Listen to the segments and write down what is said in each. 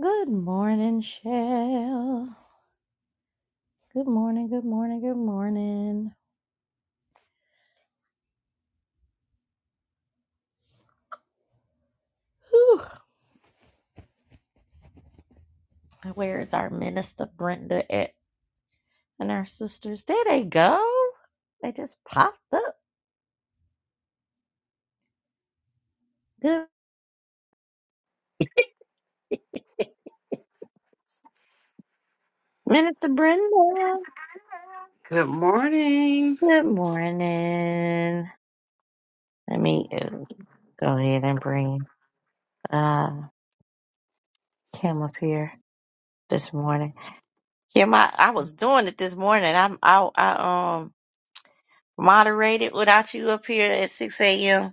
Good morning, Shell. Good morning, good morning, good morning. Whew. Where is our minister Brenda at? And our sisters. There they go. They just popped up. Good Minister Brenda. Good morning. Good morning. Let me uh, go ahead and bring uh Kim up here this morning. Kim, I, I was doing it this morning. I'm I I um moderated without you up here at six AM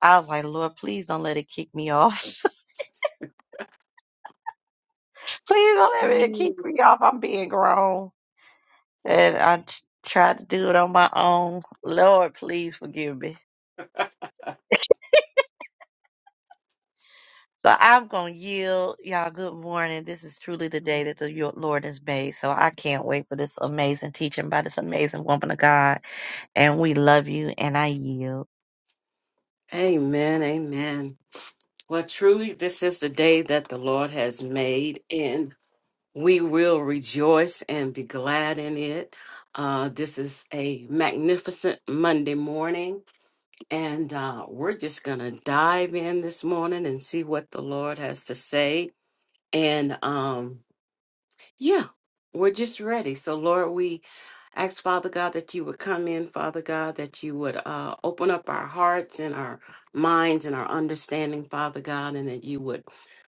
I was like, Lord, please don't let it kick me off. please don't let it Amen. kick me off. I'm being grown. And I t- tried to do it on my own. Lord, please forgive me. So I'm going to yield. Y'all, good morning. This is truly the day that the yo- Lord has made. So I can't wait for this amazing teaching by this amazing woman of God. And we love you, and I yield. Amen. Well, truly, this is the day that the Lord has made, and we will rejoice and be glad in it. Uh, this is a magnificent Monday morning, and uh, we're just going to dive in this morning and see what the Lord has to say. And um, Yeah, we're just ready. So, Lord, we ask, Father God, that you would come in, Father God, that you would uh, open up our hearts and our minds and our understanding, Father God, and that you would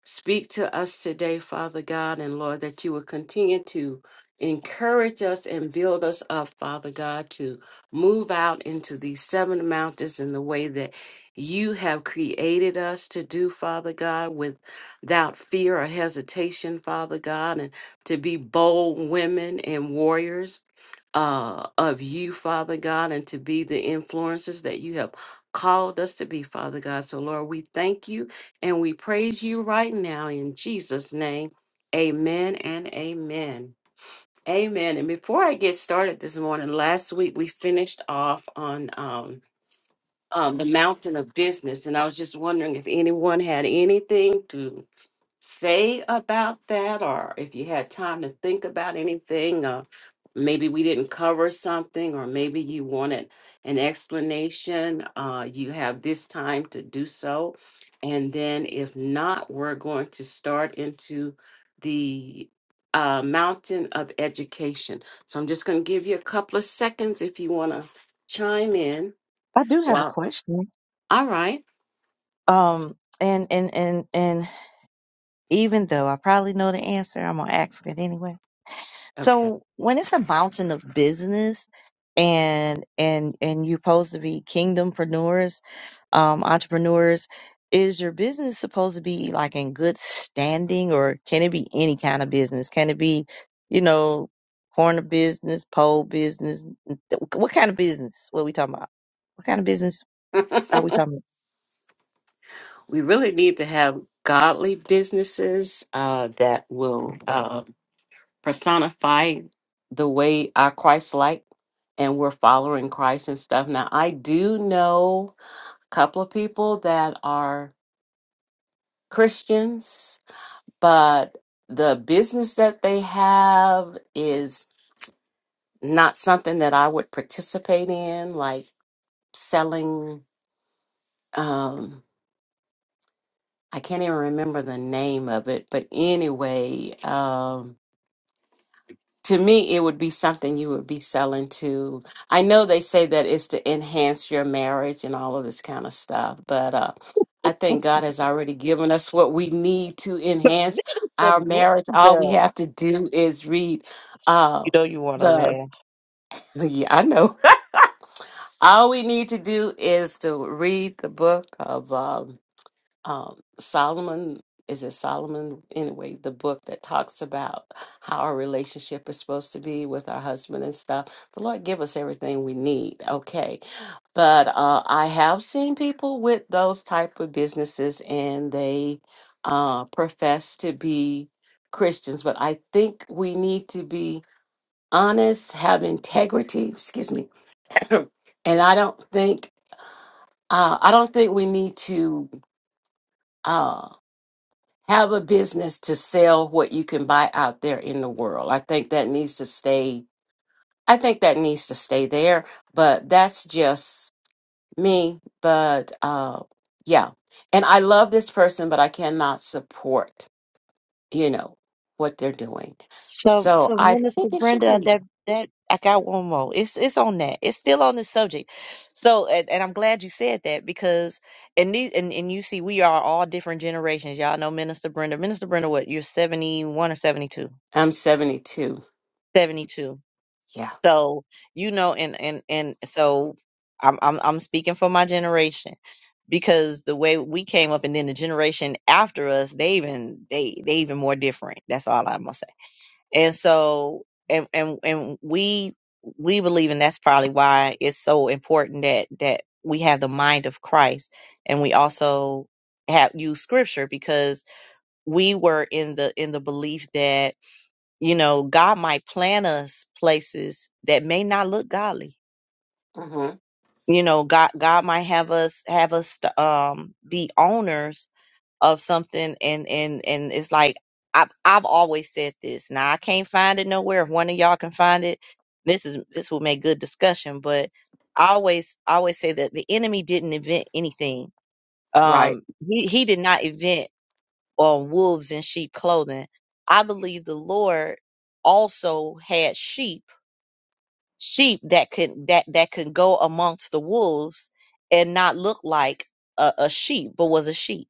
speak to us today, Father God, and Lord, that you would continue to encourage us and build us up, Father God, to move out into these seven mountains in the way that you have created us to do, Father God, without fear or hesitation, Father God. And to be bold women and warriors uh, of you, Father God, and to be the influences that you have called us to be, Father God. So, Lord, we thank you and we praise you right now in Jesus' name. Amen and amen. Amen. And before I get started this morning, last week we finished off on um, um, the mountain of business, and I was just wondering if anyone had anything to say about that or if you had time to think about anything uh, maybe we didn't cover something or maybe you wanted an explanation uh, you have this time to do so and then if not we're going to start into the uh, mountain of education so i'm just going to give you a couple of seconds if you want to chime in I do have a wow question. all right Um, and, and, and, and even though I probably know the answer, I'm going to ask it anyway So when it's a mountain of business and and and you're supposed to be kingdompreneurs, um, entrepreneurs, is your business supposed to be like in good standing or can it be any kind of business? Can it be, you know, corner business, pole business? What kind of business? What we talking about? What kind of business are we talking about? we really need to have godly businesses uh, that will uh, personify the way our Christ like and we're following Christ and stuff. Now, I do know a couple of people that are Christians, but the business that they have is not something that I would participate in, like selling. Um, I can't even remember the name of it, but anyway, um, to me it would be something you would be selling to i know they say that it's to enhance your marriage and all of this kind of stuff but uh i think god has already given us what we need to enhance The our business, the, marriage all we the- have to do is read uh you know you want to laugh. the yeah i know all we need to do is to read the book of um, um, Solomon, is it Solomon? Anyway, the book that talks about how our relationship is supposed to be with our husband and stuff. The Lord give us everything we need, okay? But uh, I have seen people with those type of businesses, and they uh, profess to be Christians. But I think we need to be honest, have integrity. Excuse me. and I don't think uh, I don't think we need to. uh, have a business to sell what you can buy out there in the world. I think that needs to stay. I think that needs to stay there, but that's just me. But uh, yeah, and I love this person, but I cannot support you know what they're doing. So, So so I Minister think it should Brenda, be. that that I got one more. It's it's on that. It's still on the subject. So, and, and I'm glad you said that because and these and, and you see, we are all different generations. Y'all know Minister Brenda. Minister Brenda, what you're 71 or 72? I'm 72. 72. Yeah. So you know, and and and so I'm I'm I'm speaking for my generation because the way we came up and then the generation after us, they even they they even more different. That's all I'm gonna say and so and and and we we believe and that's probably why it's so important that that we have the mind of Christ and we also have use scripture because we were in the in the belief that you know God might plant us places that may not look godly hmm you know, God God might have us have us um be owners of something and and and it's like I've I've always said this. Now I can't find it nowhere. If one of y'all can find it, this is this will make good discussion. But I always I always say that the enemy didn't invent anything. Right. Um he, he did not invent uh, wolves in sheep clothing. I believe the Lord also had sheep sheep that could that that could go amongst the wolves and not look like a, a sheep but was a sheep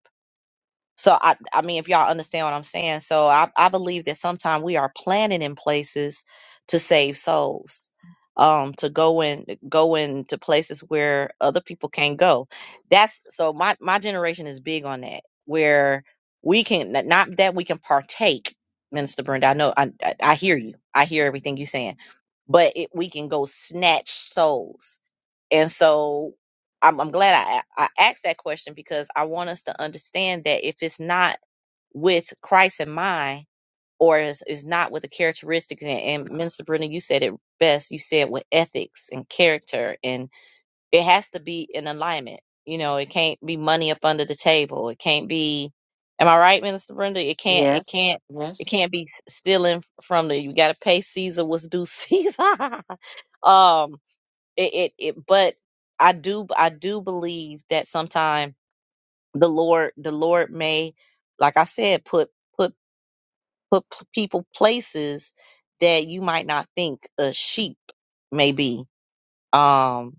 so i i mean if y'all understand what i'm saying so i i believe that sometimes we are planning in places to save souls um to go in go into places where other people can't go that's so my my generation is big on that where we can not that we can partake minister brenda i know i i, I hear you i hear everything you're saying but it, we can go snatch souls. And so I'm, I'm glad I, I asked that question because I want us to understand that if it's not with Christ in mind or is, is not with the characteristics, and, and Minister Brenda, you said it best. You said with ethics and character and it has to be in alignment. You know, it can't be money up under the table. It can't be. Am I right, Minister Brenda? It can't. It Yes. can't. It Yes. can't be stealing from the. You got to pay Caesar what's due Caesar. um. It, it. It. But I do. I do believe that sometimes the Lord. The Lord may, like I said, put put put p- people places that you might not think a sheep may be um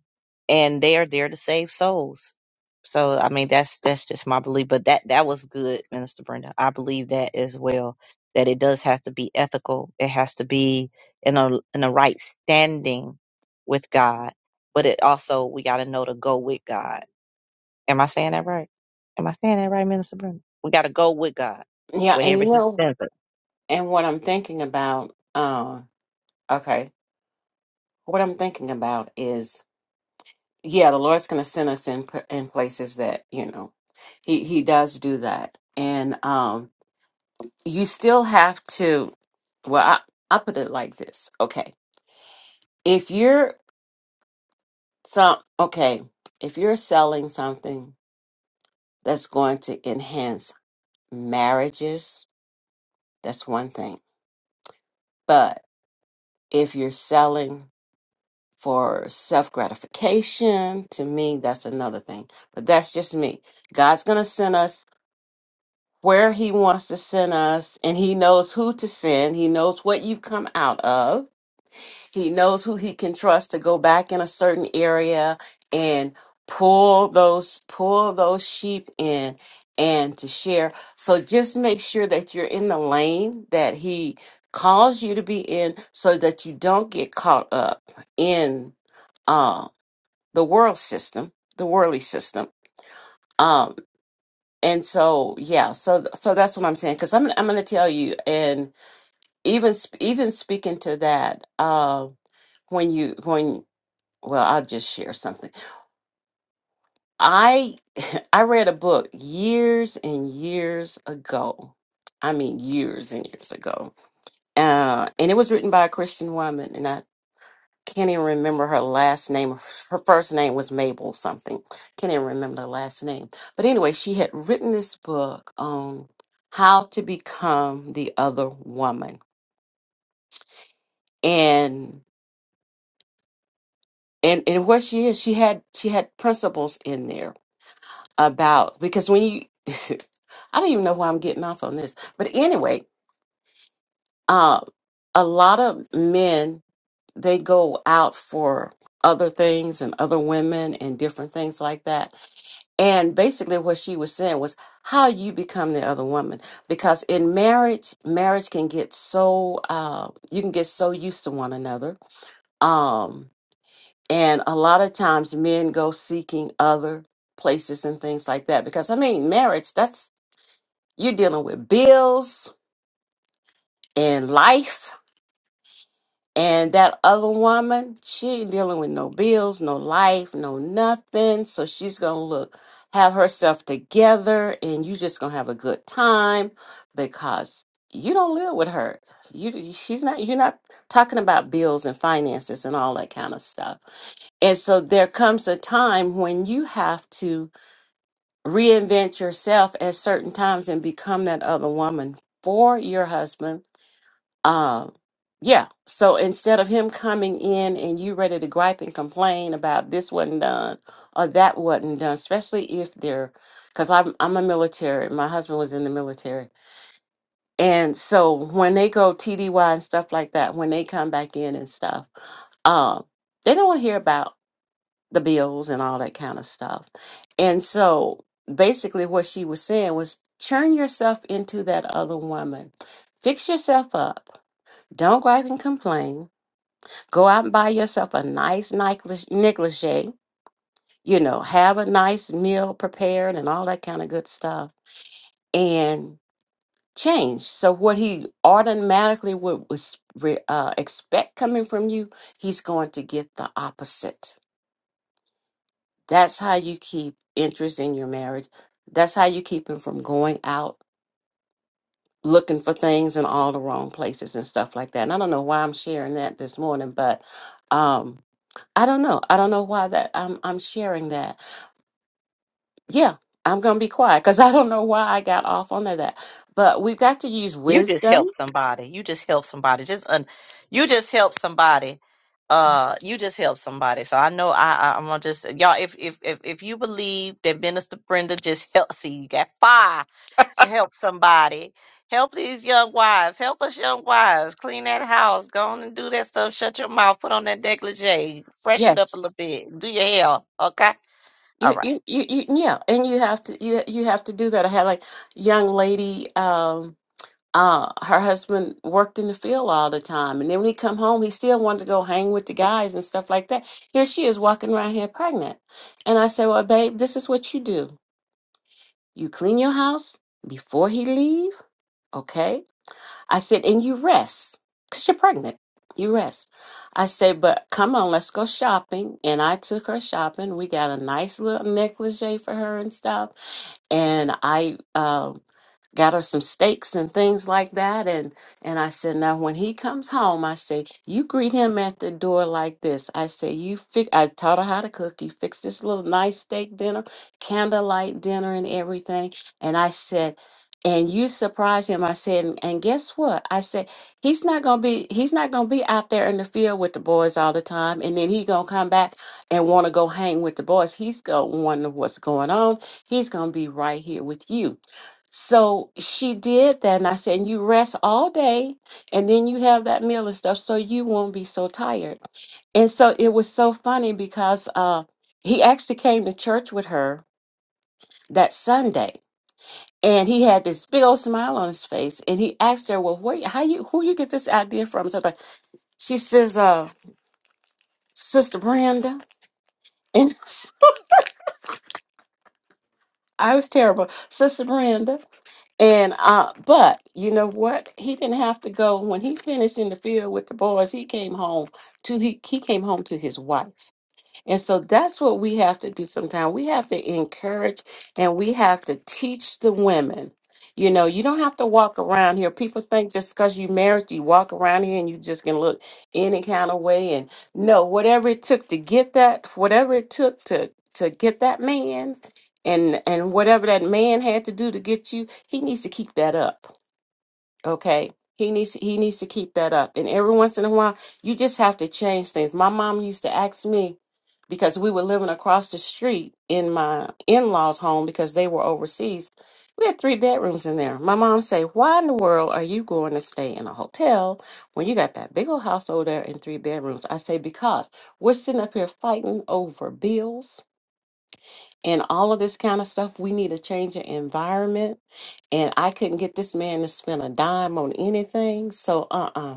and they are there to save souls so i mean that's that's just my belief but that that was good minister brenda i believe that as well that it does have to be ethical it has to be in a in a right standing with god but it also we got to know to go with god am i saying that right am i saying that right minister brenda we got to go with god Yeah, and wherever you he know sends us And what I'm thinking about, uh, okay, what I'm thinking about is, yeah, the Lord's going to send us in p- in places that you know, he he does do that, and um, you still have to. Well, I I put it like this, okay, if you're some okay, if you're selling something that's going to enhance marriages, that's one thing, but if you're selling for self gratification. To me, that's another thing. But that's just me. God's going to send us where He wants to send us, and He knows who to send. He knows what you've come out of. He knows who He can trust to go back in a certain area and pull those pull those sheep in and to share so just make sure that you're in the lane that he calls you to be in so that you don't get caught up in um, the world system, the worldly system. Um, and so yeah, so so that's what I'm saying because I'm I'm going to tell you, and even sp- even speaking to that, uh, when you when well, I'll just share something. I I read a book years and years ago. I mean, years and years ago. Uh, and it was written by a Christian woman, can't even remember her last name. Her first name was Mabel something. Can't even remember the last name. But anyway, she had written this book on how to become the other woman. And and and what she is, she had she had principles in there about because when you I don't even know why I'm getting off on this. But anyway, uh a lot of men they go out for other things and other women and different things like that And basically, what she was saying was how you become the other woman. Because in marriage, marriage can get so uh, you can get so used to one another, um, and a lot of times men go seeking other places and things like that. Because I mean, marriage that's you're dealing with bills and life And that other woman, she ain't dealing with no bills, no life, no nothing. So she's going to look, have herself together, and you just going to have a good time because you don't live with her. You, she's not, you're not talking about bills and finances and all that kind of stuff. And so there comes a time when you have to reinvent yourself at certain times and become that other woman for your husband um, yeah. So instead of him coming in and you ready to gripe and complain about this wasn't done or that wasn't done, especially if they're, because I'm I'm a military. My husband was in the military, and so when they go TDY and stuff like that, when they come back in and stuff, um, they don't want to hear about the bills and all that kind of stuff. And so basically, what she was saying was, turn yourself into that other woman, fix yourself up don't gripe and complain. Go out and buy yourself a nice necklace, negligee. You know, have a nice meal prepared and all that kind of good stuff, and change. So what he automatically would was re, uh, expect coming from you, he's going to get the opposite. That's how you keep interest in your marriage. That's how you keep him from going out looking for things in all the wrong places and stuff like that. And I don't know why I'm sharing that this morning, but um I don't know. I don't know why that I'm I'm sharing that. Yeah, I'm gonna be quiet because I don't know why I got off on that. But we've got to use You just wisdom. help somebody. You just help somebody. Just un- you just help somebody. Uh, you just help somebody. So I know I, I I'm gonna just y'all. If if if if you believe that Minister Brenda just help, see you got fire to help somebody. Help these young wives. Help us, young wives. Clean that house. Go on and do that stuff. Shut your mouth. Put on that negligee. Freshen up a little Yes. bit. Do your hair. Okay. All You, right. you, you, you, yeah, and you have to you you have to do that. I had like young lady, um, uh, her husband worked in the field all the time, and then when he come home, he still wanted to go hang with the guys and stuff like that. Here she is walking around here pregnant, and I say, well, babe, this is what you do: you clean your house before he leave, okay? I said, and you rest because you're pregnant. You rest. I said, but come on, let's go shopping. And I took her shopping. We got a nice little negligee for her and stuff. And I um, got her some steaks and things like that and and I said now when he comes home I say you greet him at the door like this I say you fix I taught her how to cook you fix this little nice steak dinner candlelight dinner and everything and I said and you surprise him I said and, and guess what I said he's not going to be he's not going to be out there in the field with the boys all the time and then he going to come back and want to go hang with the boys he's going to wonder what's going on he's going to be right here with you so she did that, and I said, and you rest all day, and then you have that meal and stuff, so you won't be so tired. And so it was so funny because uh, he actually came to church with her that Sunday, and he had this big old smile on his face, and he asked her, "Well, where, how you who you get this idea from?" So like, she says, uh, "Sister Brenda," and I was terrible, Sister Brenda. And uh, but you know what? He didn't have to go when he finished in the field with the boys. He came home to he he came home to his wife. And so that's what we have to do sometimes. We have to encourage and we have to teach the women. You know, you don't have to walk around here. People think just because you married, you walk around here and you just can look any kind of way. And no, whatever it took to get that, whatever it took to to get that man, and and whatever that man had to do to get you, he needs to keep that up Okay. He needs he needs to keep that up. And every once in a while, you just have to change things. My mom used to ask me because we were living across the street in my in-laws' home because they were overseas. We had three bedrooms in there. My mom say, "Why in the world are you going to stay in a hotel when you got that big old house over there in three bedrooms?" I say, "Because we're sitting up here fighting over bills and all of this kind of stuff. We need to change the environment. And I couldn't get this man to spend a dime on anything. So, uh uh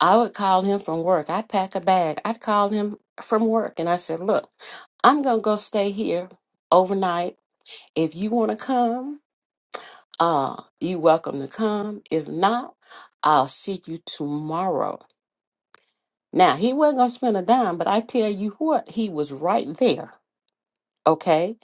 I would call him from work. I'd pack a bag. I'd call him from work and I said, Look, I'm going to go stay here overnight. If you want to come, uh, you welcome to come. If not, I'll see you tomorrow. Now, he wasn't going to spend a dime, but I tell you what, he was right there. Okay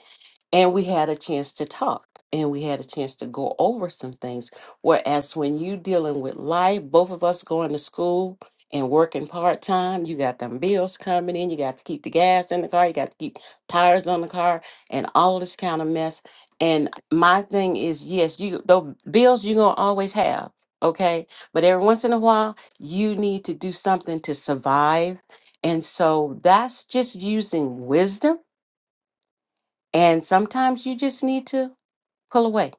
and we had a chance to talk and we had a chance to go over some things whereas when you dealing with life both of us going to school and working part-time you got them bills coming in you got to keep the gas in the car you got to keep tires on the car and all this kind of mess and my thing is yes you the bills you're going to always have okay but every once in a while you need to do something to survive and so that's just using wisdom and sometimes you just need to pull away.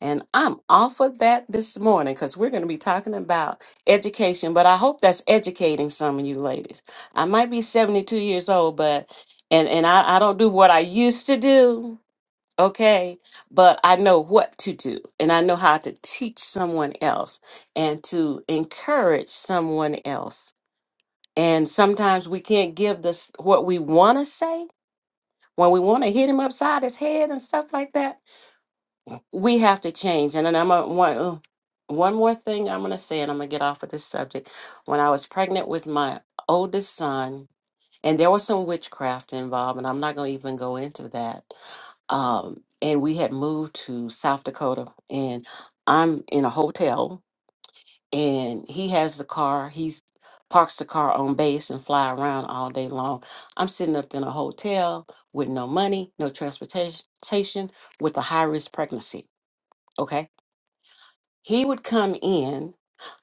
And I'm off of that this morning because we're going to be talking about education, but I hope that's educating some of you ladies. I might be 72 years old, but, and, and I, I don't do what I used to do, okay? But I know what to do and I know how to teach someone else and to encourage someone else. And sometimes we can't give this what we want to say when we want to hit him upside his head and stuff like that we have to change. And then I'm a, One oh, one more thing I'm going to say, and I'm going to get off of this subject. When I was pregnant with my oldest son, and there was some witchcraft involved, and I'm not going to even go into that. Um, and we had moved to South Dakota, and I'm in a hotel, and he has the car. He's parks the car on base and fly around all day long. I'm sitting up in a hotel with no money, no transportation, with a high risk pregnancy. Okay he would come in.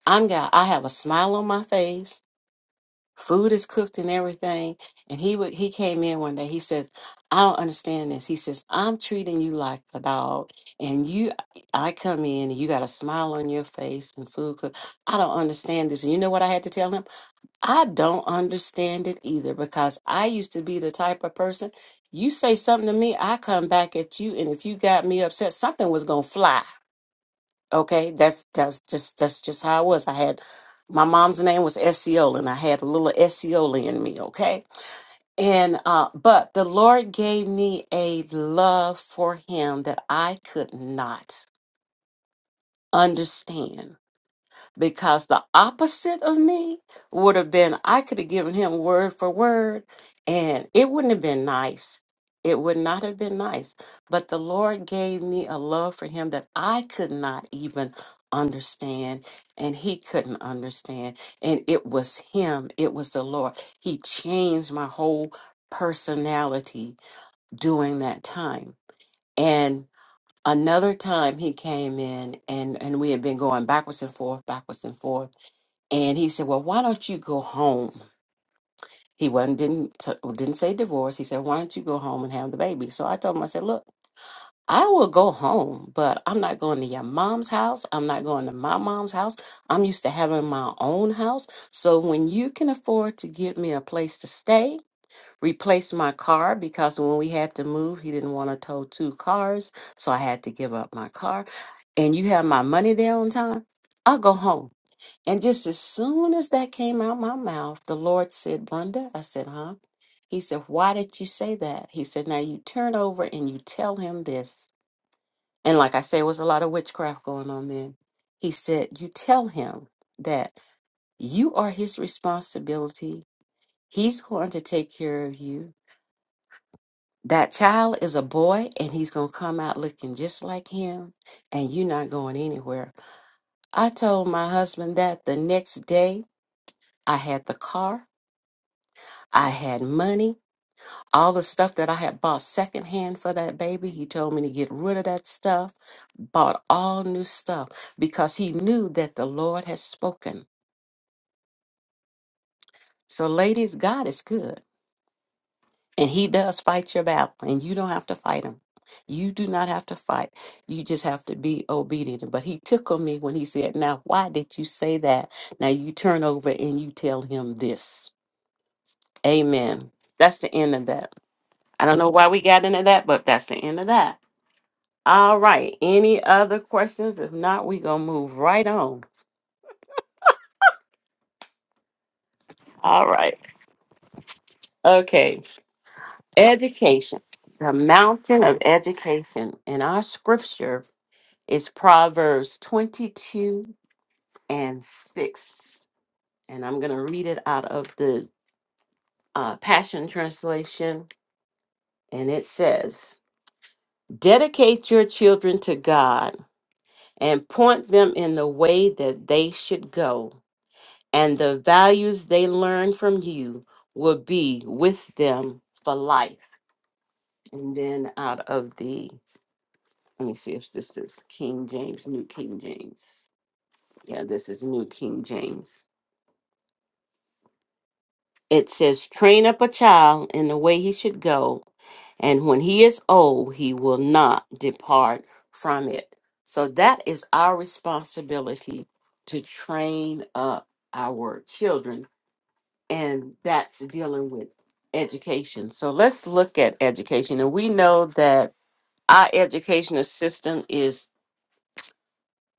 I'm got I have a smile on my face. Food is cooked and everything. And he would he came in one day. He says, I don't understand this. He says, I'm treating you like a dog. And you I come in and you got a smile on your face and food cooked. I don't understand this. And you know what I had to tell him? I don't understand it either because I used to be the type of person you say something to me, I come back at you, and if you got me upset, something was gonna fly. Okay, that's that's just that's just how it was. I had my mom's name was Essiola, and I had a little Essiola in me. Okay, and uh, but the Lord gave me a love for Him that I could not understand because the opposite of me would have been I could have given him word for word and it wouldn't have been nice. It would not have been nice. But the Lord gave me a love for him that I could not even understand and he couldn't understand. And it was him, it was the Lord. He changed my whole personality during that time. And another time he came in and and we had been going backwards and forth backwards and forth and he said, "Well, why don't you go home?" He wasn't didn't t- didn't say divorce. He said, "Why don't you go home and have the baby?" So I told him, I said, "Look, I will go home, but I'm not going to your mom's house. I'm not going to my mom's house. I'm used to having my own house. So when you can afford to give me a place to stay, replace my car because when we had to move, he didn't want to tow two cars, so I had to give up my car. And you have my money there on time. I'll go home." And just as soon as that came out my mouth, the Lord said, Brenda, I said, huh? He said, why did you say that? He said, now you turn over and you tell him this. And like I say, it was a lot of witchcraft going on then. He said, you tell him that you are his responsibility. He's going to take care of you. That child is a boy and he's going to come out looking just like him and you're not going anywhere. I told my husband that the next day I had the car I had money, all the stuff that I had bought secondhand for that baby. He told me to get rid of that stuff, bought all new stuff because he knew that the Lord has spoken. So, ladies, God is good and He does fight your battle, and you don't have to fight Him. You do not have to fight. You just have to be obedient. But he tickled me when he said, Now, why did you say that? Now you turn over and you tell him this. Amen. That's the end of that. I don't know why we got into that, but that's the end of that. All right. Any other questions? If not, we're going to move right on. All right. Okay. Education, the mountain of education. And our scripture is Proverbs 22 and 6. And I'm going to read it out of the uh, Passion Translation. And it says, Dedicate your children to God and point them in the way that they should go. and the values they learn from you will be with them for life. And then out of the, let me see if this is King James, New King James. Yeah, this is New King James. It says, train up a child in the way he should go, and when he is old, he will not depart from it. So that is our responsibility to train up our children and that's dealing with education. So let's look at education. And we know that our educational system is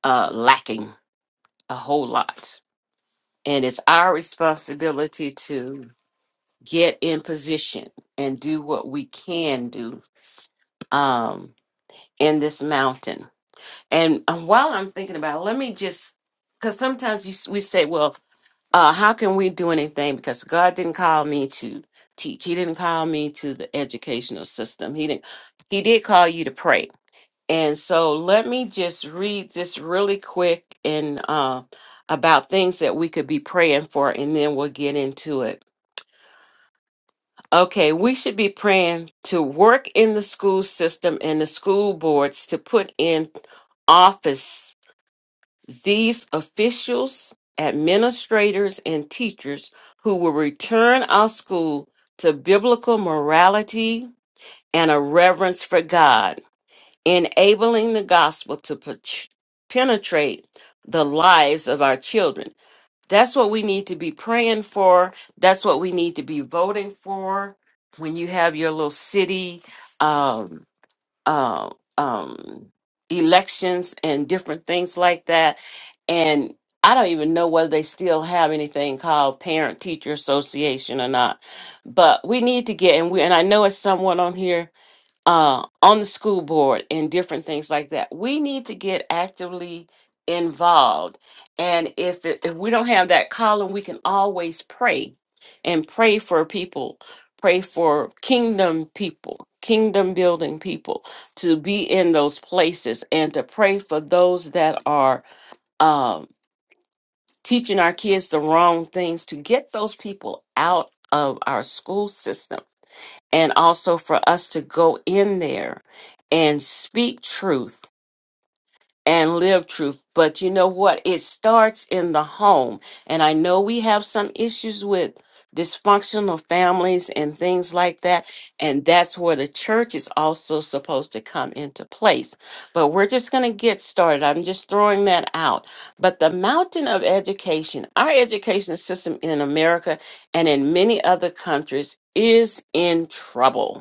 uh, lacking a whole lot. And it's our responsibility to get in position and do what we can do um, in this mountain. And uh, while I'm thinking about it, let me just, because sometimes you, s- we say, well, uh, how can we do anything? Because God didn't call me to teach. He didn't call me to the educational system. He didn't. He did call you to pray. And so let me just read this really quick and uh, about things that we could be praying for, and then we'll get into it. Okay, we should be praying to work in the school system and the school boards to put in office these officials, administrators, and teachers who will return our school to biblical morality and a reverence for God, enabling the gospel to pet- penetrate the lives of our children. That's what we need to be praying for. That's what we need to be voting for. When you have your little city um, uh, um, elections and different things like that. And I don't even know whether they still have anything called Parent Teacher Association or not. But we need to get and we and I know it's someone on here uh, on the school board and different things like that. We need to get actively involved. And if, it, if we don't have that column, we can always pray and pray for people, pray for kingdom people, kingdom building people to be in those places and to pray for those that are um, teaching our kids the wrong things to get those people out of our school system and also for us to go in there and speak truth and live truth. But you know what? It starts in the home. And I know we have some issues with dysfunctional families and things like that. And that's where the church is also supposed to come into place. But we're just going to get started. I'm just throwing that out. But the mountain of education, our education system in America and in many other countries is in trouble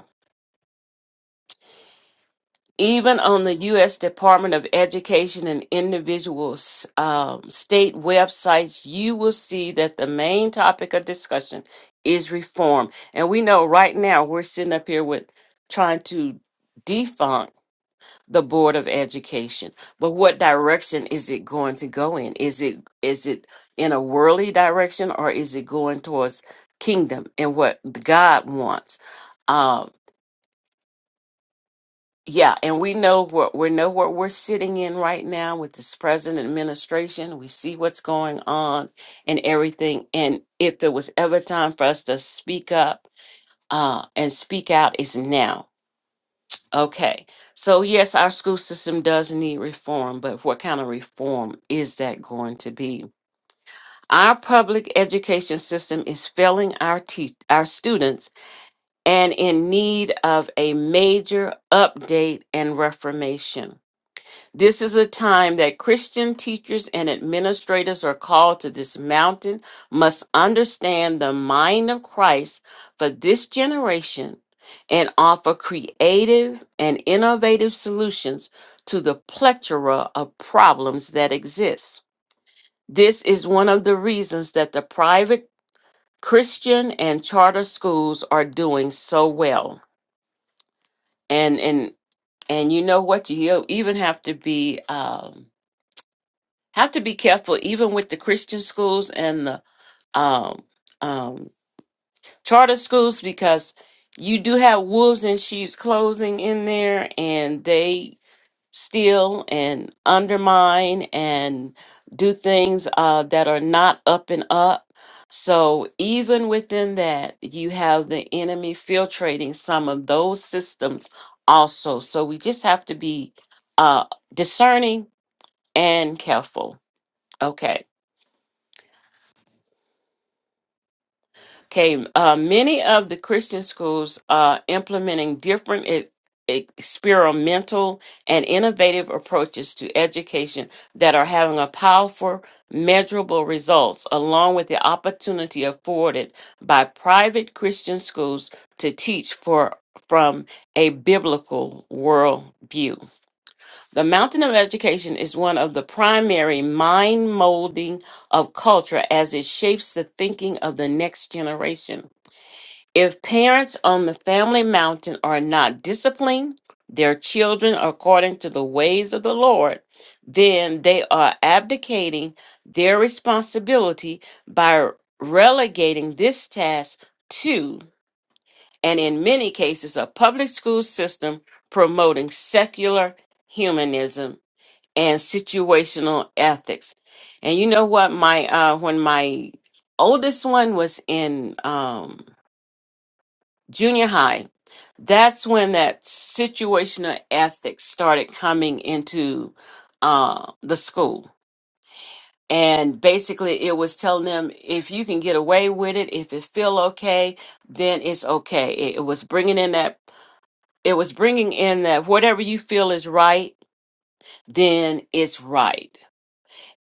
even on the U.S. Department of Education and individual s- um, state websites, you will see that the main topic of discussion is reform. And we know right now we're sitting up here with trying to defunct the Board of Education. But what direction is it going to go in? Is it is it in a worldly direction or is it going towards kingdom and what God wants? Um, yeah, and we know what we know what we're sitting in right now with this present administration. We see what's going on and everything. And if there was ever time for us to speak up uh, and speak out, it's now. Okay. So yes, our school system does need reform, but what kind of reform is that going to be? Our public education system is failing our te- our students and in need of a major update and reformation. This is a time that Christian teachers and administrators are called to this mountain, must understand the mind of Christ for this generation and offer creative and innovative solutions to the plethora of problems that exist. This is one of the reasons that the private Christian and charter schools are doing so well. And and and you know what? You even have to be um have to be careful even with the Christian schools and the um um charter schools because you do have wolves in sheep's clothing in there and they steal and undermine and do things uh, that are not up and up. So even within that, you have the enemy filtrating some of those systems also. So we just have to be uh, discerning and careful. Okay. Okay, uh, many of the Christian schools are implementing different e- experimental and innovative approaches to education that are having a powerful, measurable results, along with the opportunity afforded by private Christian schools to teach for from a biblical worldview. The mountain of education is one of the primary mind molding of culture as it shapes the thinking of the next generation. If parents on the family mountain are not disciplining their children according to the ways of the Lord, then they are abdicating their responsibility by relegating this task to, and in many cases, a public school system promoting secular humanism and situational ethics. And you know what? My uh, when my oldest one was in um, junior high, that's when that situational ethics started coming into uh, the school. And basically, it was telling them if you can get away with it, if it feel okay, then it's okay. It, it was bringing in that, it was bringing in that whatever you feel is right, then it's right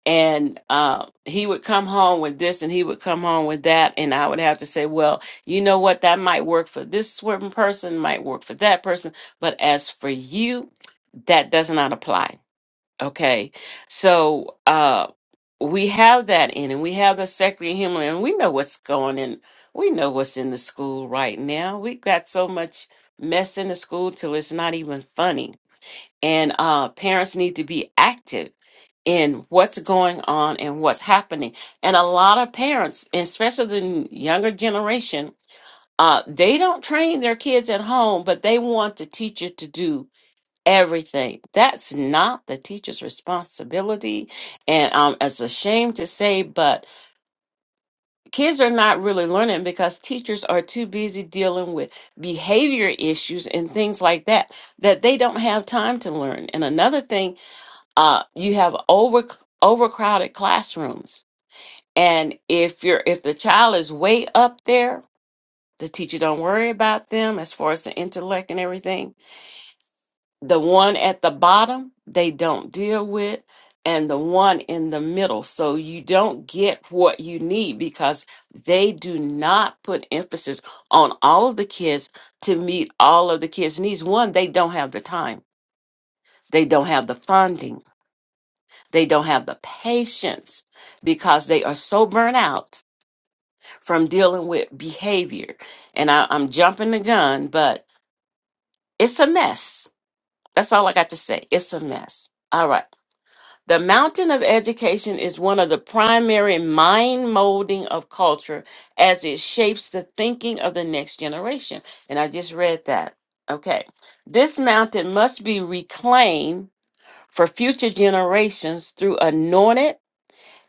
and uh, he would come home with this and he would come home with that and i would have to say well you know what that might work for this certain person might work for that person but as for you that does not apply okay so uh we have that in and we have the secular human and we know what's going in we know what's in the school right now we got so much mess in the school till it's not even funny and uh, parents need to be active in what's going on and what's happening. And a lot of parents, especially the younger generation, uh, they don't train their kids at home, but they want the teacher to do everything. That's not the teacher's responsibility. And um, it's a shame to say, but kids are not really learning because teachers are too busy dealing with behavior issues and things like that, that they don't have time to learn. And another thing uh, you have over overcrowded classrooms and if you're if the child is way up there the teacher don't worry about them as far as the intellect and everything the one at the bottom they don't deal with and the one in the middle so you don't get what you need because they do not put emphasis on all of the kids to meet all of the kids needs one they don't have the time they don't have the funding They don't have the patience because they are so burnt out from dealing with behavior. And I, I'm jumping the gun, but it's a mess. That's all I got to say. It's a mess. All right. The mountain of education is one of the primary mind molding of culture as it shapes the thinking of the next generation. And I just read that. Okay. This mountain must be reclaimed for future generations through anointed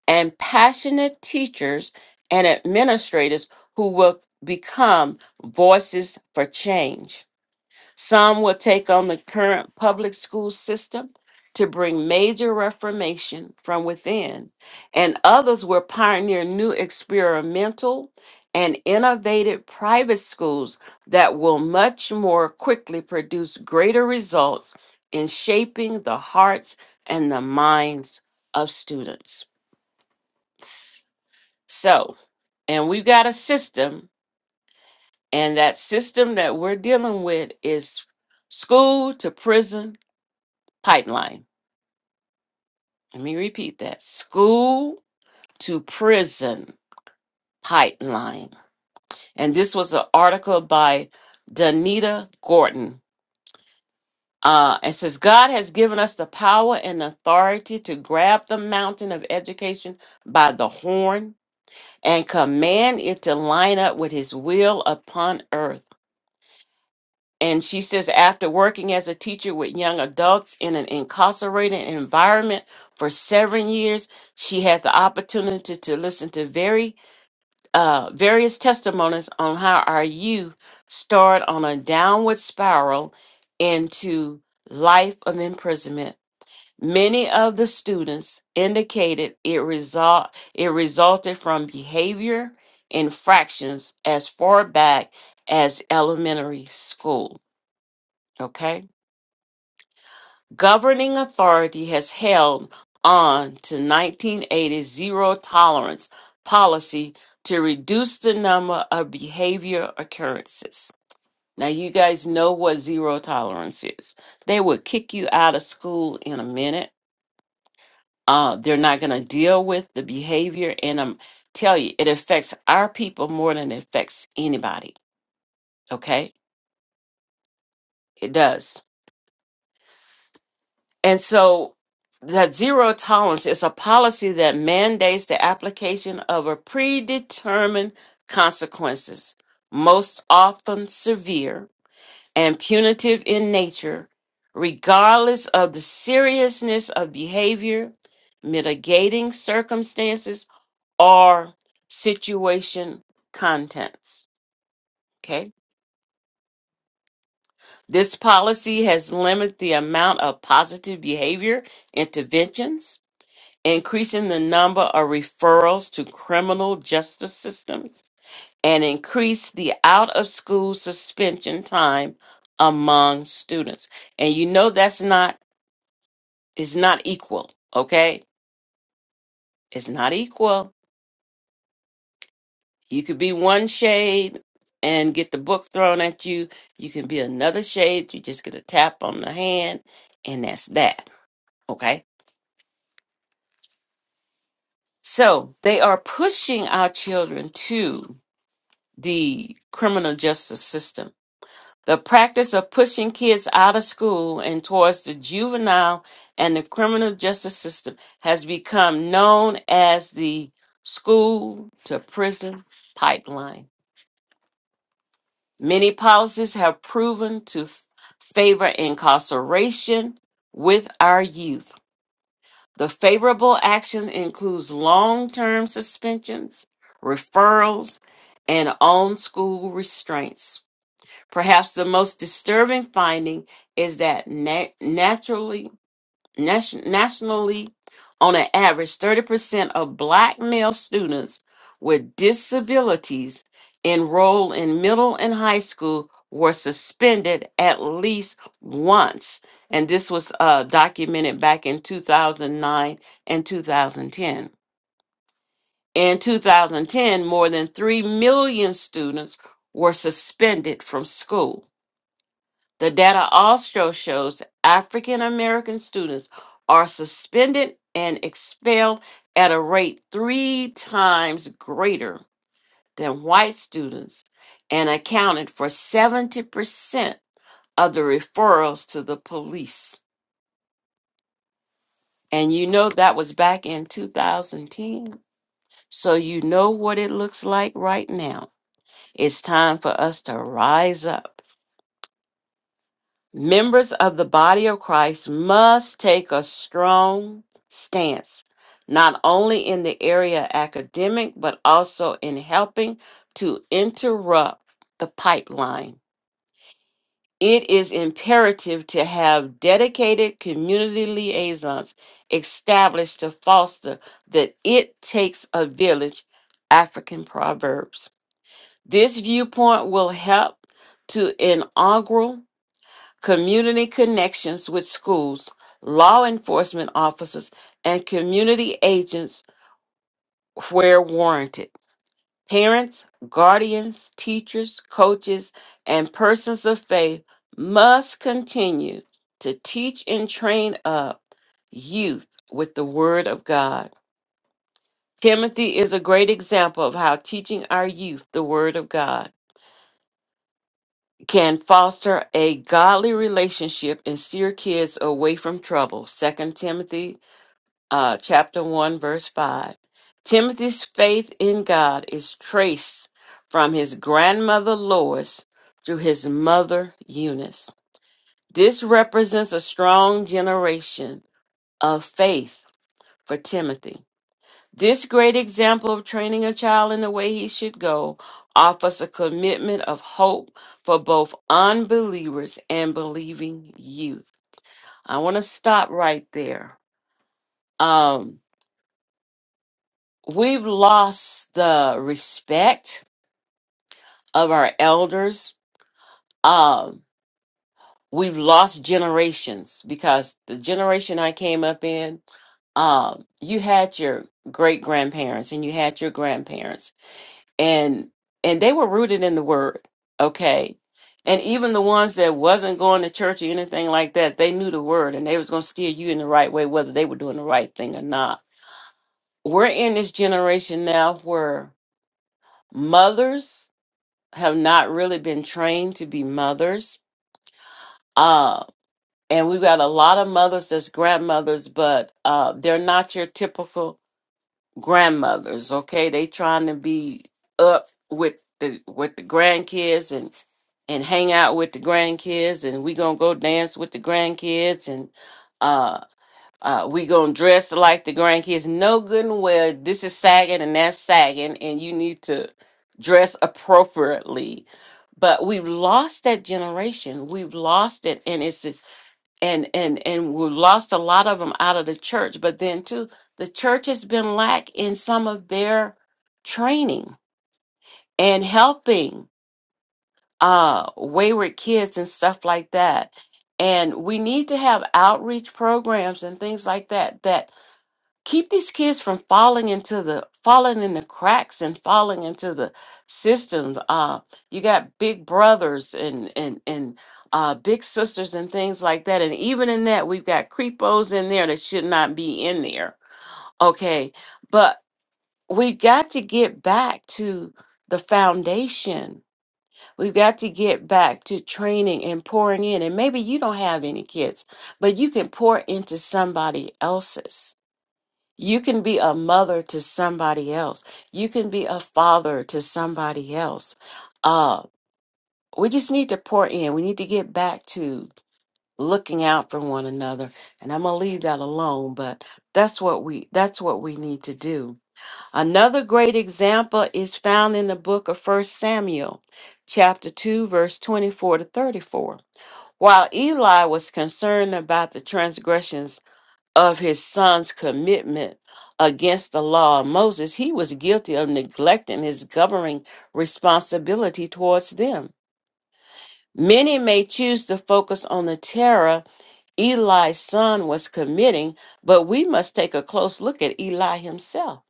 and passionate teachers and administrators who will become voices for change. Some will take on the current public school system to bring major reformation from within, and others will pioneer new experimental and innovative private schools that will much more quickly produce greater results in shaping the hearts and the minds of students. So, and we've got a system, and that system that we're dealing with is school to prison pipeline. Let me repeat that school to prison pipeline. And this was an article by Danita Gordon. Uh, it says, God has given us the power and authority to grab the mountain of education by the horn and command it to line up with his will upon earth. And she says, after working as a teacher with young adults in an incarcerated environment for seven years, she had the opportunity to listen to very uh, various testimonies on how our youth start on a downward spiral into life of imprisonment. Many of the students indicated it result it resulted from behavior infractions as far back as elementary school. Okay governing authority has held on to 1980's zero tolerance policy to reduce the number of behavior occurrences. Now, you guys know what zero tolerance is. They would kick you out of school in a minute. Uh, they're not going to deal with the behavior. And I'm tell you, it affects our people more than it affects anybody. Okay? It does And so that zero tolerance is a policy that mandates the application of a predetermined consequences, most often severe and punitive in nature, regardless of the seriousness of behavior, mitigating circumstances, or situation contents. Okay. This policy has limited the amount of positive behavior interventions increasing the number of referrals to criminal justice systems, and increase the out of school suspension time among students. And you know that's not is not equal, okay? It's not equal. You could be one shade and get the book thrown at you. You can be another shade, you just get a tap on the hand, and that's that, okay? So, they are pushing our children to the criminal justice system The practice of pushing kids out of school and towards the juvenile and the criminal justice system has become known as the school to prison pipeline. Many policies have proven to f- favor incarceration with our youth. The favorable action includes long term suspensions, referrals, and on school restraints. Perhaps the most disturbing finding is that na- naturally, nation- nationally, on an average, 30% of black male students with disabilities enrolled in middle and high school were suspended at least once. And this was uh, documented back in 2009 and 2010. In 2010, more than 3 million students were suspended from school. The data also shows African American students are suspended and expelled at a rate three times greater than white students and accounted for 70% of the referrals to the police. And you know that was back in 2010. So you know what it looks like right now. It's time for us to rise up Members of the body of Christ must take a strong stance, not only in the area of academic, but also in helping to interrupt the pipeline. It is imperative to have dedicated community liaisons established to foster that it takes a village African proverbs. This viewpoint will help to inaugural community connections with schools, law enforcement officers, and community agents where warranted. Parents, guardians, teachers, coaches, and persons of faith must continue to teach and train up youth with the Word of God. Timothy is a great example of how teaching our youth the Word of God can foster a godly relationship and steer kids away from trouble. Second Timothy uh, chapter 1 verse 5. Timothy's faith in God is traced from his grandmother Lois through his mother Eunice. This represents a strong generation of faith for Timothy. This great example of training a child in the way he should go offers a commitment of hope for both unbelievers and believing youth. I want to stop right there. Um, we've lost the respect of our elders. Um, we've lost generations because the generation I came up in, um, you had your great grandparents and you had your grandparents and and they were rooted in the word okay and even the ones that wasn't going to church or anything like that they knew the word and they was going to steer you in the right way whether they were doing the right thing or not we're in this generation now where mothers have not really been trained to be mothers uh and we have got a lot of mothers that's grandmothers but uh they're not your typical grandmothers okay they trying to be up with the with the grandkids and and hang out with the grandkids and we gonna go dance with the grandkids and uh uh we gonna dress like the grandkids no good and well this is sagging and that's sagging and you need to dress appropriately but we've lost that generation we've lost it and it's and and and we lost a lot of them out of the church but then too the church has been lack in some of their training and helping uh wayward kids and stuff like that and we need to have outreach programs and things like that that keep these kids from falling into the falling in the cracks and falling into the systems uh you got big brothers and and and uh big sisters and things like that and even in that we've got creepos in there that should not be in there okay but we got to get back to the foundation we've got to get back to training and pouring in and maybe you don't have any kids but you can pour into somebody else's you can be a mother to somebody else. You can be a father to somebody else. Uh, we just need to pour in. We need to get back to looking out for one another. And I'm gonna leave that alone, but that's what we that's what we need to do. Another great example is found in the book of First Samuel, chapter two, verse twenty-four to thirty-four. While Eli was concerned about the transgressions of his son's commitment against the law of Moses, he was guilty of neglecting his governing responsibility towards them. Many may choose to focus on the terror Eli's son was committing, but we must take a close look at Eli himself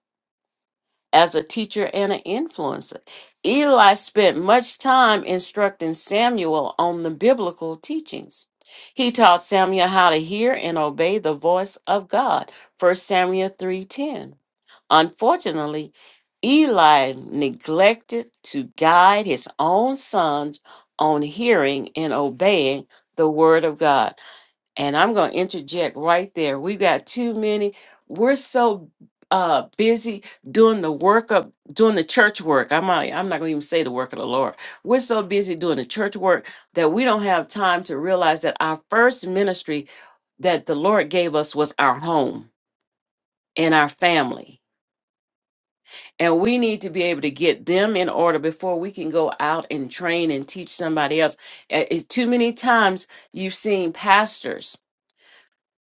as a teacher and an influencer. Eli spent much time instructing Samuel on the biblical teachings. He taught Samuel how to hear and obey the voice of God. First Samuel 3:10. Unfortunately, Eli neglected to guide his own sons on hearing and obeying the word of God and I'm going to interject right there. We got too many. We're so uh, busy doing the work of doing the church work. I'm not, I'm not going to even say the work of the Lord. We're so busy doing the church work that we don't have time to realize that our first ministry that the Lord gave us was our home and our family. And we need to be able to get them in order before we can go out and train and teach somebody else. Eh, eh, Too many times you've seen pastors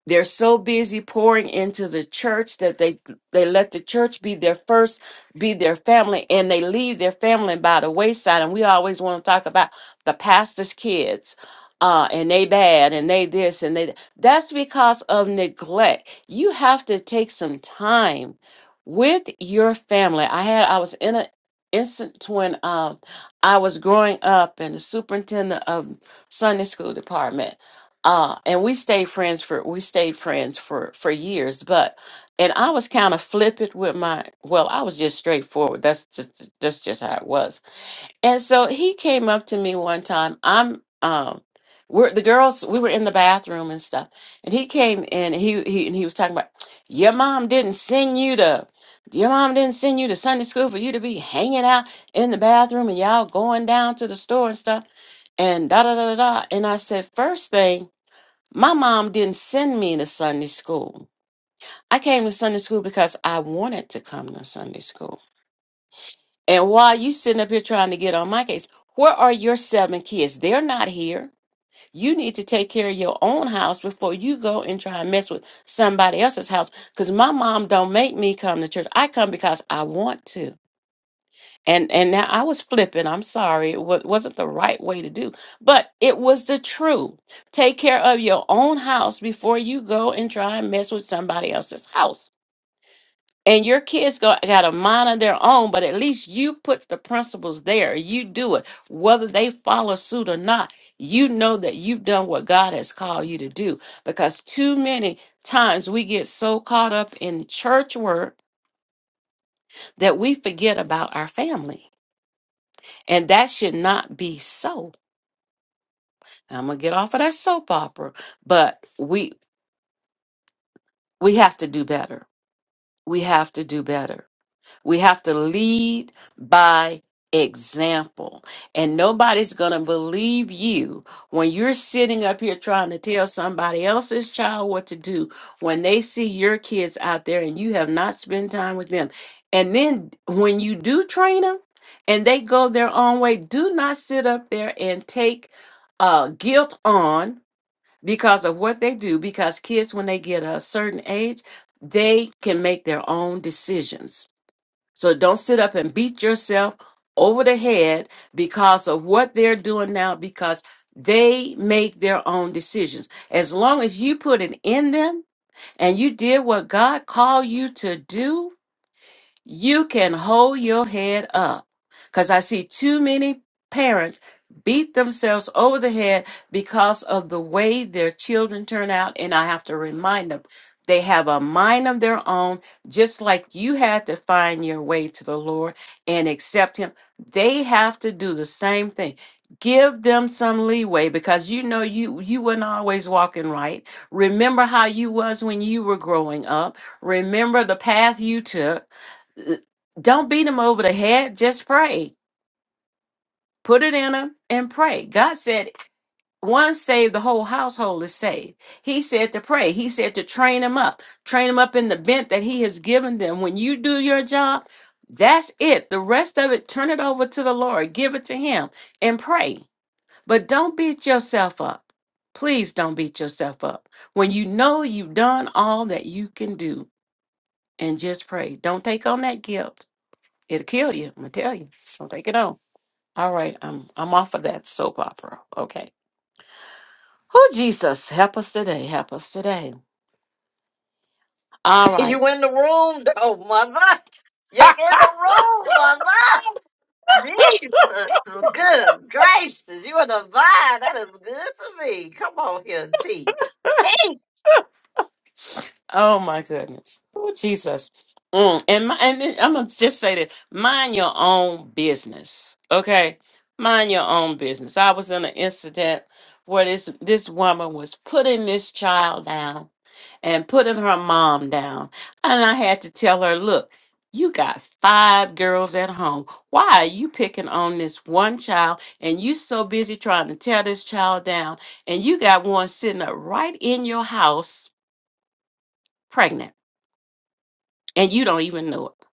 They're so busy pouring into the church that they they let the church be their first, be their family, and they leave their family by the wayside. And we always want to talk about the pastor's kids, uh, and they bad, and they this, and they th- that's because of neglect. You have to take some time with your family. I had I was in an instance when um I was growing up, and the superintendent of Sunday school department uh and we stayed friends for we stayed friends for for years but and i was kind of flippant with my well i was just straightforward that's just that's just how it was and so he came up to me one time i'm um we're the girls we were in the bathroom and stuff and he came in and he he and he was talking about your mom didn't send you to your mom didn't send you to sunday school for you to be hanging out in the bathroom and y'all going down to the store and stuff and da da da da da and i said first thing my mom didn't send me to Sunday school. I came to Sunday school because I wanted to come to Sunday school. And while you sitting up here trying to get on my case, where are your seven kids? They're not here. You need to take care of your own house before you go and try and mess with somebody else's house. Because my mom don't make me come to church. I come because I want to and and now I was flipping. I'm sorry, it wa- wasn't the right way to do, but it was the truth. Take care of your own house before you go and try and mess with somebody else's house. And your kids got, got a mind of their own, but at least you put the principles there. You do it, whether they follow suit or not. You know that you've done what God has called you to do because too many times we get so caught up in church work that we forget about our family And that should not be so. I'm gonna get off of that soap opera, but we we have to do better. We have to do better We have to lead by example. And nobody's going to believe you when you're sitting up here trying to tell somebody else's child what to do when they see your kids out there and you have not spent time with them. And then when you do train them and they go their own way, do not sit up there and take uh, guilt on because of what they do because kids when they get a certain age they can make their own decisions so don't sit up and beat yourself over the head because of what they're doing now because they make their own decisions. As long as you put it in them and you did what God called you to do, you can hold your head up. Because I see too many parents beat themselves over the head because of the way their children turn out. And I have to remind them they have a mind of their own, just like you had to find your way to the Lord and accept Him. They have to do the same thing. Give them some leeway because you know you you weren't always walking right. Remember how you was when you were growing up. Remember the path you took don't beat them over the head. Just pray. Put it in them and pray. God said, one saved, the whole household is saved. He said to pray. He said to train them up, train them up in the bent that he has given them. When you do your job, that's it. The rest of it, turn it over to the Lord, give it to him and pray. But don't beat yourself up. Please don't beat yourself up. When you know you've done all that you can do and just pray, don't take on that guilt. It'll kill you. I'm gonna tell you. So take it on. All right, I'm I'm off of that soap opera. Okay. Oh Jesus, help us today. Help us today. All right. You in the room though, mother. You're in the room, mother. Jesus, good gracious, you are divine. That is good to me. Come on here and teach. Hey, oh my goodness. Oh Jesus. Mm, and my, and then I'm gonna just say that mind your own business. Okay, mind your own business. I was in an incident where this this woman was putting this child down and putting her mom down. And I had to tell her, look, you got five girls at home. Why are you picking on this one child and you so busy trying to tear this child down and you got one sitting up right in your house pregnant and you don't even know it.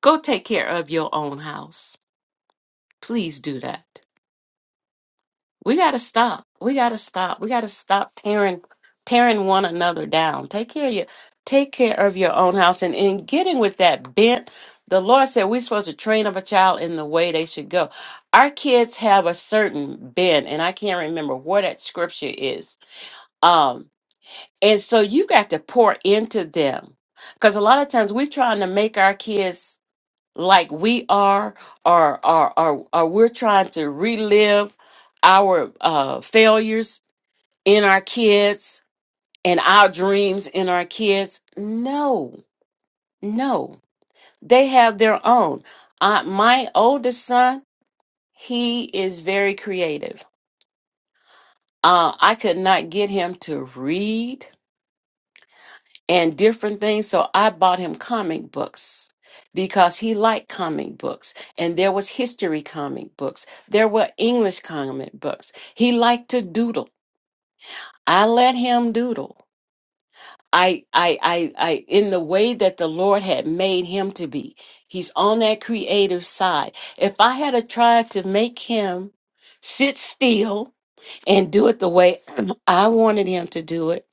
Go take care of your own house. Please do that. We gotta stop. We gotta stop. We gotta stop tearing tearing one another down. Take care of your take care of your own house. And in getting with that bent, the Lord said we're supposed to train up a child in the way they should go. Our kids have a certain bent, and I can't remember where that scripture is. Um, and so you've got to pour into them. Because a lot of times we're trying to make our kids like we are or or or, or we're trying to relive our uh, failures in our kids and our dreams in our kids no no they have their own uh, my oldest son he is very creative uh, i could not get him to read and different things. So I bought him comic books because he liked comic books and there was history comic books there were english comic books he liked to doodle i let him doodle i i i, I in the way that the lord had made him to be he's on that creative side if i had a tried to make him sit still and do it the way i wanted him to do it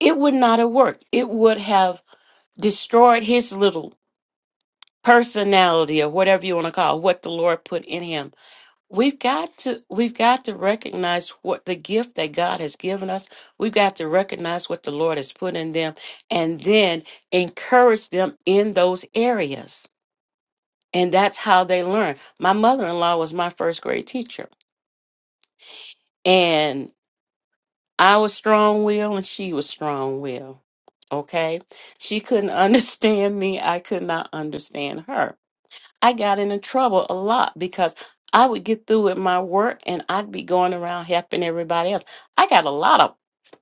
it would not have worked it would have destroyed his little personality or whatever you want to call it, what the Lord put in him. We've got to we've got to recognize what the gift that God has given us. We've got to recognize what the Lord has put in them and then encourage them in those areas. And that's how they learn. My mother-in-law was my first grade teacher and I was strong-willed and she was strong-willed. Okay? She couldn't understand me. I could not understand her I got into trouble a lot because I would get through with my work and I'd be going around helping everybody else. I got a lot of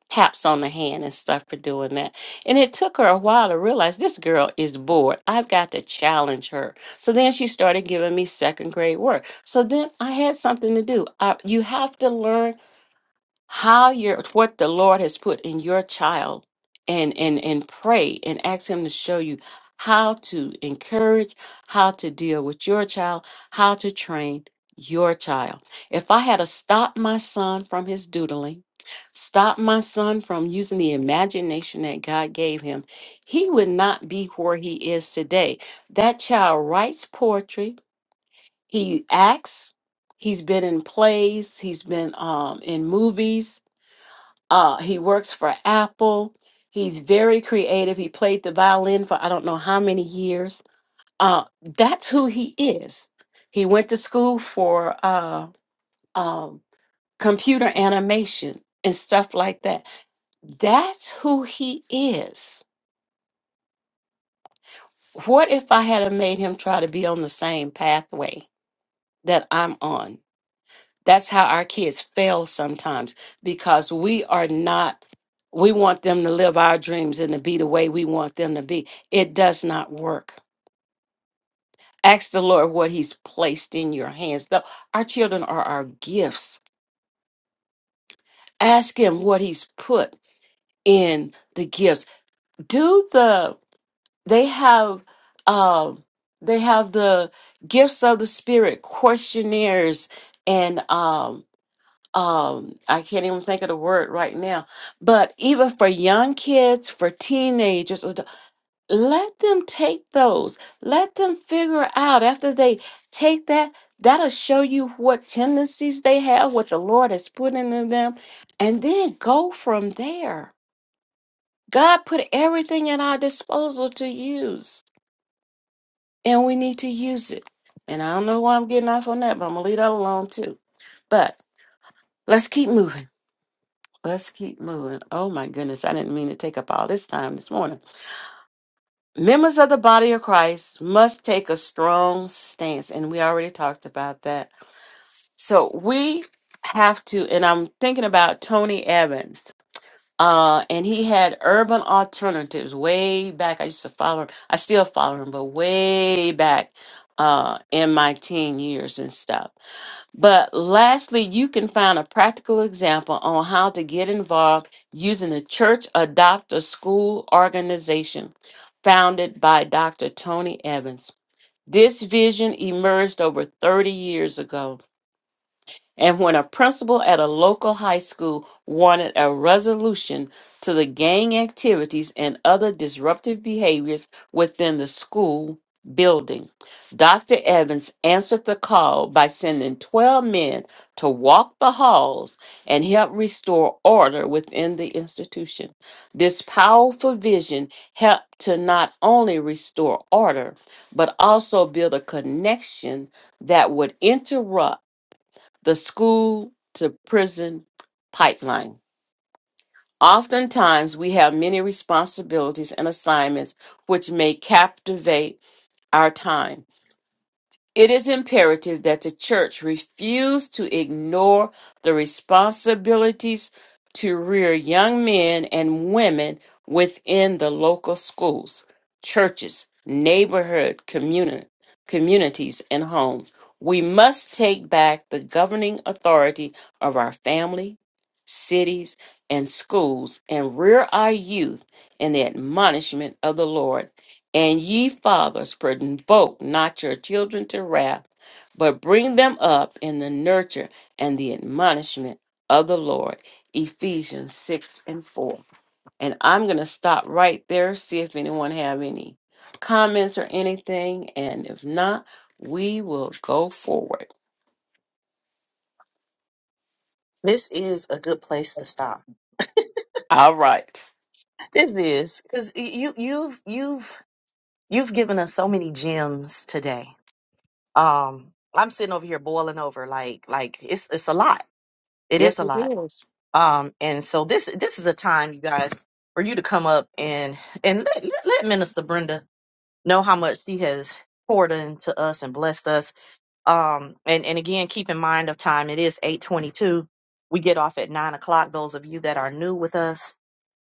taps on the hand and stuff for doing that. And it took her a while to realize this girl is bored. I've got to challenge her. So then she started giving me second grade work. So then I had something to do. I, you have to learn how your what the Lord has put in your child and and and pray and ask him to show you how to encourage, how to deal with your child, how to train your child. If I had to stop my son from his doodling, stop my son from using the imagination that God gave him, he would not be where he is today. That child writes poetry, he acts, he's been in plays, he's been um, in movies, uh, he works for Apple. He's very creative. He played the violin for I don't know how many years. Uh, that's who he is. He went to school for uh, um, computer animation and stuff like that. That's who he is. What if I had have made him try to be on the same pathway that I'm on? That's how our kids fail sometimes because we are not, we want them to live our dreams and to be the way we want them to be. It does not work. Ask the Lord what He's placed in your hands. Though our children are our gifts. Ask Him what He's put in the gifts. Do the they have um they have the gifts of the spirit questionnaires and um um i can't even think of the word right now but even for young kids for teenagers or the- let them take those let them figure out after they take that that'll show you what tendencies they have what the lord has put in them and then go from there god put everything at our disposal to use and we need to use it and i don't know why i'm getting off on that but i'm gonna leave that alone too but let's keep moving Let's keep moving. Oh my goodness, I didn't mean to take up all this time this morning. Members of the body of Christ must take a strong stance, and we already talked about that. So we have to, and I'm thinking about Tony Evans. Uh, and he had urban alternatives way back. I used to follow him. I still follow him, but way back uh, in my teen years and stuff. But lastly, you can find a practical example on how to get involved using the Church Adopt a School organization founded by Dr. Tony Evans. This vision emerged over 30 years ago and when a principal at a local high school wanted a resolution to the gang activities and other disruptive behaviors within the school building, Dr. Evans answered the call by sending 12 men to walk the halls and help restore order within the institution. This powerful vision helped to not only restore order, but also build a connection that would interrupt the school to prison pipeline. Oftentimes, we have many responsibilities and assignments which may captivate our time. It is imperative that the church refuse to ignore the responsibilities to rear young men and women within the local schools, churches, neighborhood communi- communities, and homes. We must take back the governing authority of our family, cities, and schools and rear our youth in the admonishment of the Lord and ye fathers, provoke not your children to wrath, but bring them up in the nurture and the admonishment of the Lord. Ephesians 6 and 4. And I'm going to stop right there, see if anyone have any comments or anything. And if not, we will go forward. this is a good place to stop. All right. This is because you you've you've you've given us so many gems today. Um, I'm sitting over here boiling over like like it's it's a lot. It is Yes, a it lot. is. Um, and so this this is a time you guys for you to come up and and let, let let Minister Brenda know how much she has poured into us and blessed us Um, and, and again, keep in mind of time, it is 822. We get off at nine o'clock, those of you that are new with us,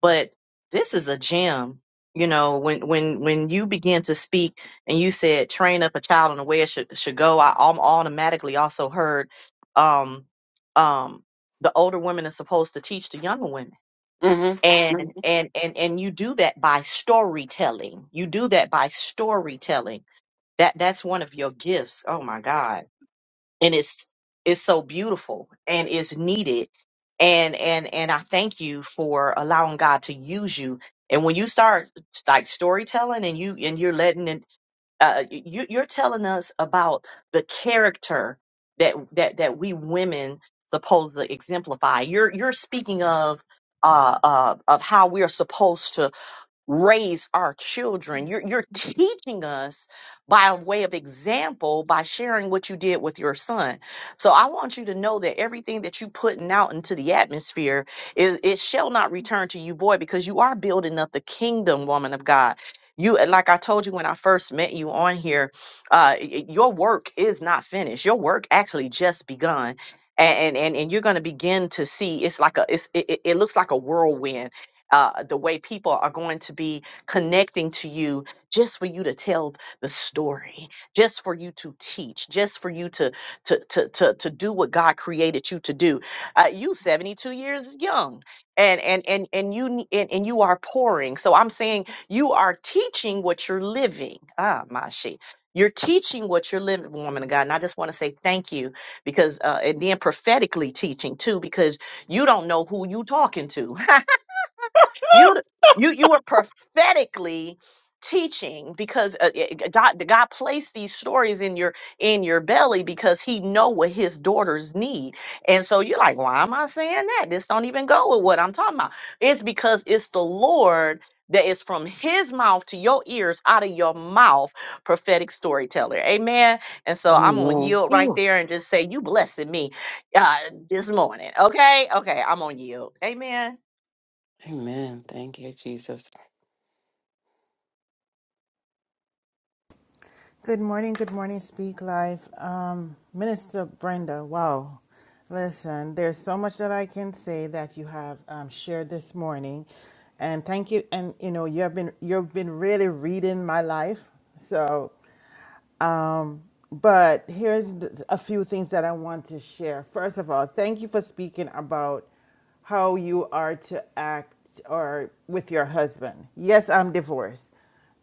but this is a gem. You know, when, when, when you begin to speak and you said train up a child in the way it should, should go, I al- automatically also heard, um, um, the older women are supposed to teach the younger women. Mm-hmm. And, and, and, and you do that by storytelling. You do that by storytelling. That, that's one of your gifts. Oh my God and it's it's so beautiful and it's needed and and and i thank you for allowing god to use you and when you start like storytelling and you and you're letting it uh you you're telling us about the character that that that we women supposed to exemplify you're you're speaking of uh, uh, of how we are supposed to raise our children. You're, you're teaching us by way of example, by sharing what you did with your son. So I want you to know that everything that you putting out into the atmosphere, it, it shall not return to you void because you are building up the kingdom, woman of God. You, like I told you when I first met you on here, uh, y- y- your work is not finished. Your work actually just begun. And, and, and and you're going to begin to see it's like a it's it, it it looks like a whirlwind uh, the way people are going to be connecting to you just for you to tell the story, just for you to teach, just for you to to to to, to do what God created you to do. Uh, you 72 years young, and and and and you ne- and, and you are pouring. So I'm saying you are teaching what you're living. Ah, Mashi, You're teaching what you're living, woman of God. And I just want to say thank you because, uh, and then prophetically teaching too, because you don't know who you talking to. you you you were prophetically teaching because uh, uh, God, the God placed these stories in your in your belly because he know what his daughters need. And so you're like, why am I saying that? This don't even go with what I'm talking about. It's because it's the Lord that is from his mouth to your ears out of your mouth prophetic storyteller. Amen. And so I'm going to Amen. yield right Ooh. there and just say you blessing me uh, this morning. Okay? Okay, I'm on yield. Amen. Amen. Thank you, Jesus. Good morning, good morning, Speak Life. Um, Minister Brenda, wow. Listen, there's so much that I can say that you have um, shared this morning. And thank you. And you know, you've been you've been really reading my life. So um, but here's th- a few things that I want to share. First of all, thank you for speaking about how you are to act or with your husband. Yes, I'm divorced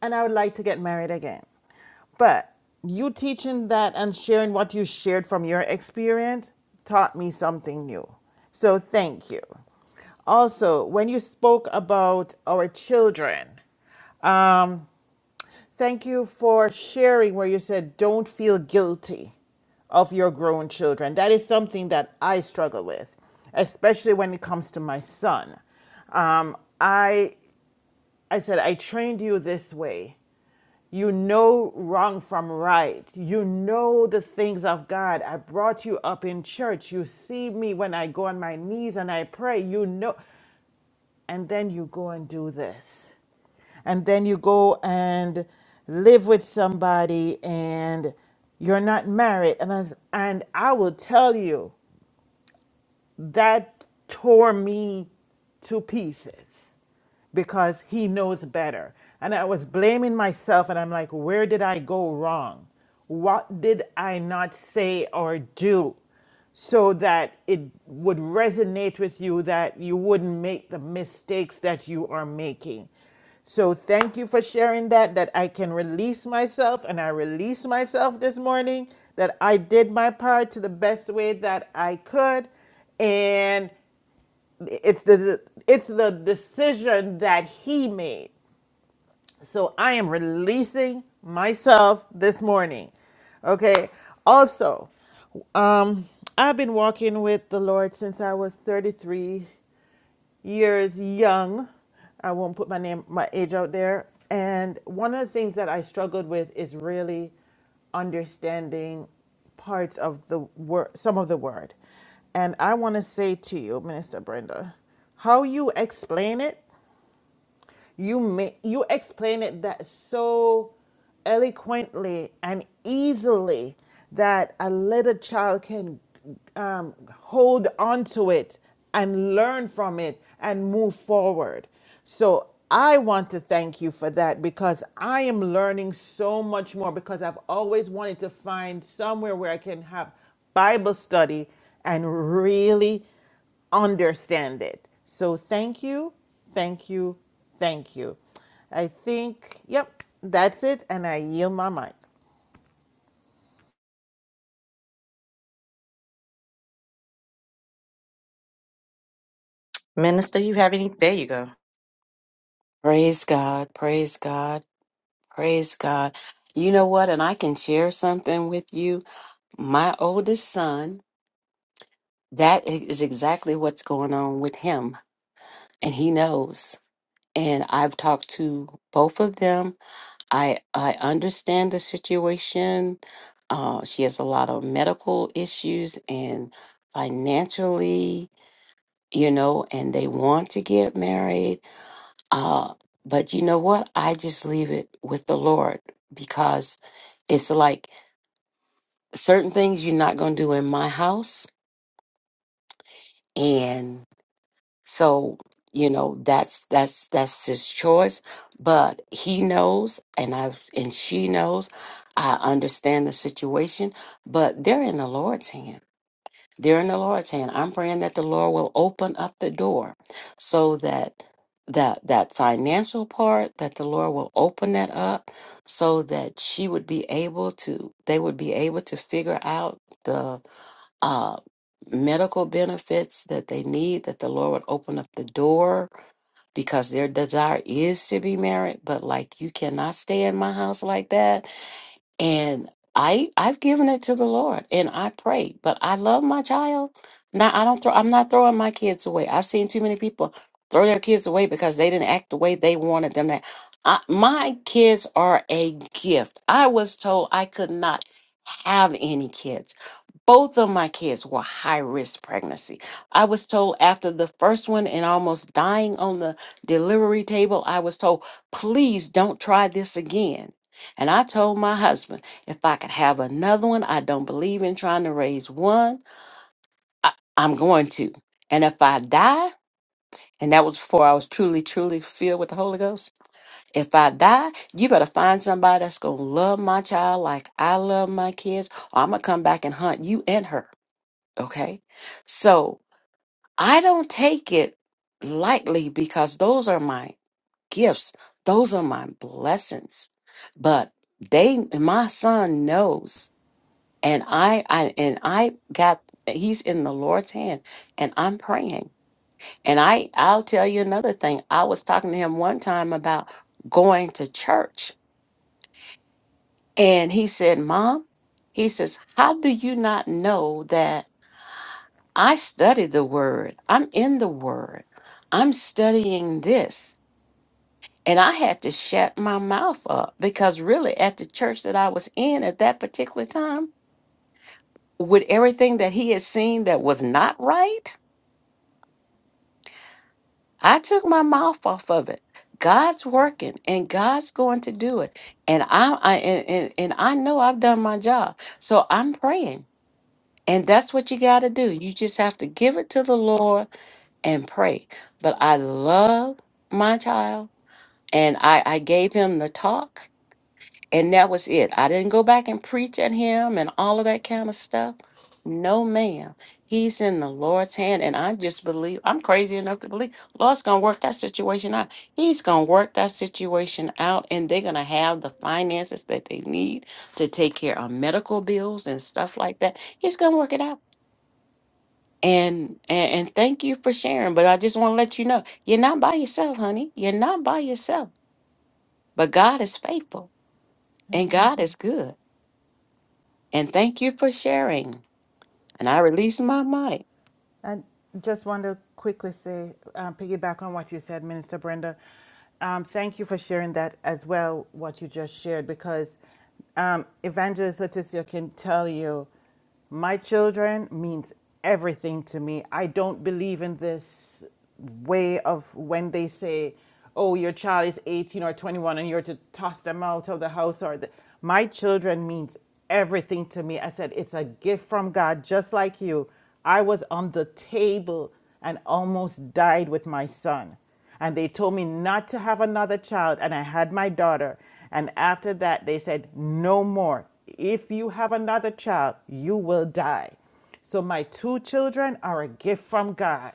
and I would like to get married again. But you teaching that and sharing what you shared from your experience taught me something new. So thank you. Also, when you spoke about our children, Thank you for sharing where you said, don't feel guilty of your grown children. That is something that I struggle with, especially when it comes to my son. Um, I, I said, I trained you this way. You know wrong from right. You know the things of God. I brought you up in church. You see me when I go on my knees and I pray. You know. And then you go and do this and then you go and live with somebody and you're not married and I, s- and I will tell you that tore me to pieces because he knows better. And I was blaming myself, and I'm like, where did I go wrong? What did I not say or do so that it would resonate with you that you wouldn't make the mistakes that you are making? So, thank you for sharing that. That I can release myself, and I release myself this morning, that I did my part to the best way that I could. And it's the it's the decision that he made. So I am releasing myself this morning. Okay. Also, um, I've been walking with the Lord since I was 33 years young. I won't put my name, my age out there. And one of the things that I struggled with is really understanding parts of the word, some of the word. And I want to say to you, Minister Brenda, how you explain it you may, you explain it that so eloquently and easily that a little child can um, hold on to it and learn from it and move forward. So I want to thank you for that because I am learning so much more because I've always wanted to find somewhere where I can have Bible study and really understand it. So thank you, thank you, thank you. I think, yep, that's it. And I yield my mic. Minister, you have any? There you go. Praise God. Praise God. Praise God. You know what? And I can share something with you. My oldest son, that is exactly what's going on with him, and he knows. And I've talked to both of them. I I understand the situation. Uh, she has a lot of medical issues and financially, you know, and they want to get married. Uh, but you know what? I just leave it with the Lord because it's like certain things you're not going to do in my house and so you know that's that's that's his choice but he knows and i and she knows i understand the situation but they're in the lord's hand they're in the lord's hand i'm praying that the lord will open up the door so that that that financial part that the lord will open that up so that she would be able to they would be able to figure out the. uh, medical benefits that they need, that the Lord would open up the door because their desire is to be married, but like you cannot stay in my house like that. And I I've given it to the Lord and I pray, but I love my child. Now I don't throw I'm not throwing my kids away. I've seen too many people throw their kids away because they didn't act the way they wanted them to. I, my kids are a gift. I was told I could not have any kids both of my kids were high risk pregnancy. I was told after the first one and almost dying on the delivery table, I was told, please don't try this again. And I told my husband, if I could have another one, I don't believe in trying to raise one. I, I'm going to. And if I die, and that was before I was truly, truly filled with the Holy Ghost. If I die, you better find somebody that's going to love my child like I love my kids, or I'm going to come back and hunt you and her. Okay. So I don't take it lightly because those are my gifts, those are my blessings. But they my son knows and I I and I got he's in the Lord's hand and I'm praying. And I I'll tell you another thing. I was talking to him one time about going to church and he said, "Mom, he says, "How do you not know that I study the word. I'm in the word. I'm studying this. And I had to shut my mouth up because really at the church that I was in at that particular time, with everything that he had seen that was not right, I took my mouth off of it. God's working and God's going to do it. And I, I and, and, and I know I've done my job. So I'm praying. And that's what you got to do. You just have to give it to the Lord and pray. But I love my child and I, I gave him the talk and that was it. I didn't go back and preach at him and all of that kind of stuff. No, ma'am. He's in the Lord's hand and I just believe I'm crazy enough to believe Lord's gonna work that situation out. He's gonna work that situation out and they're gonna have the finances that they need to take care of medical bills and stuff like that. He's gonna work it out and and, and thank you for sharing but i just want to let you know you're not by yourself honey you're not by yourself but god is faithful and god is good and thank you for sharing and i release my mic I just want to quickly say, um, piggyback on what you said, Minister Brenda. Um, thank you for sharing that as well, what you just shared, because um, Evangelist Leticia can tell you My children means everything to me. I don't believe in this way of when they say, oh, your child is 18 or 21 and you're to toss them out of the house or the... my children means everything to me. I said, it's a gift from God, just like you. I was on the table and almost died with my son and they told me not to have another child and i had my daughter and after that they said no more if you have another child you will die so my two children are a gift from god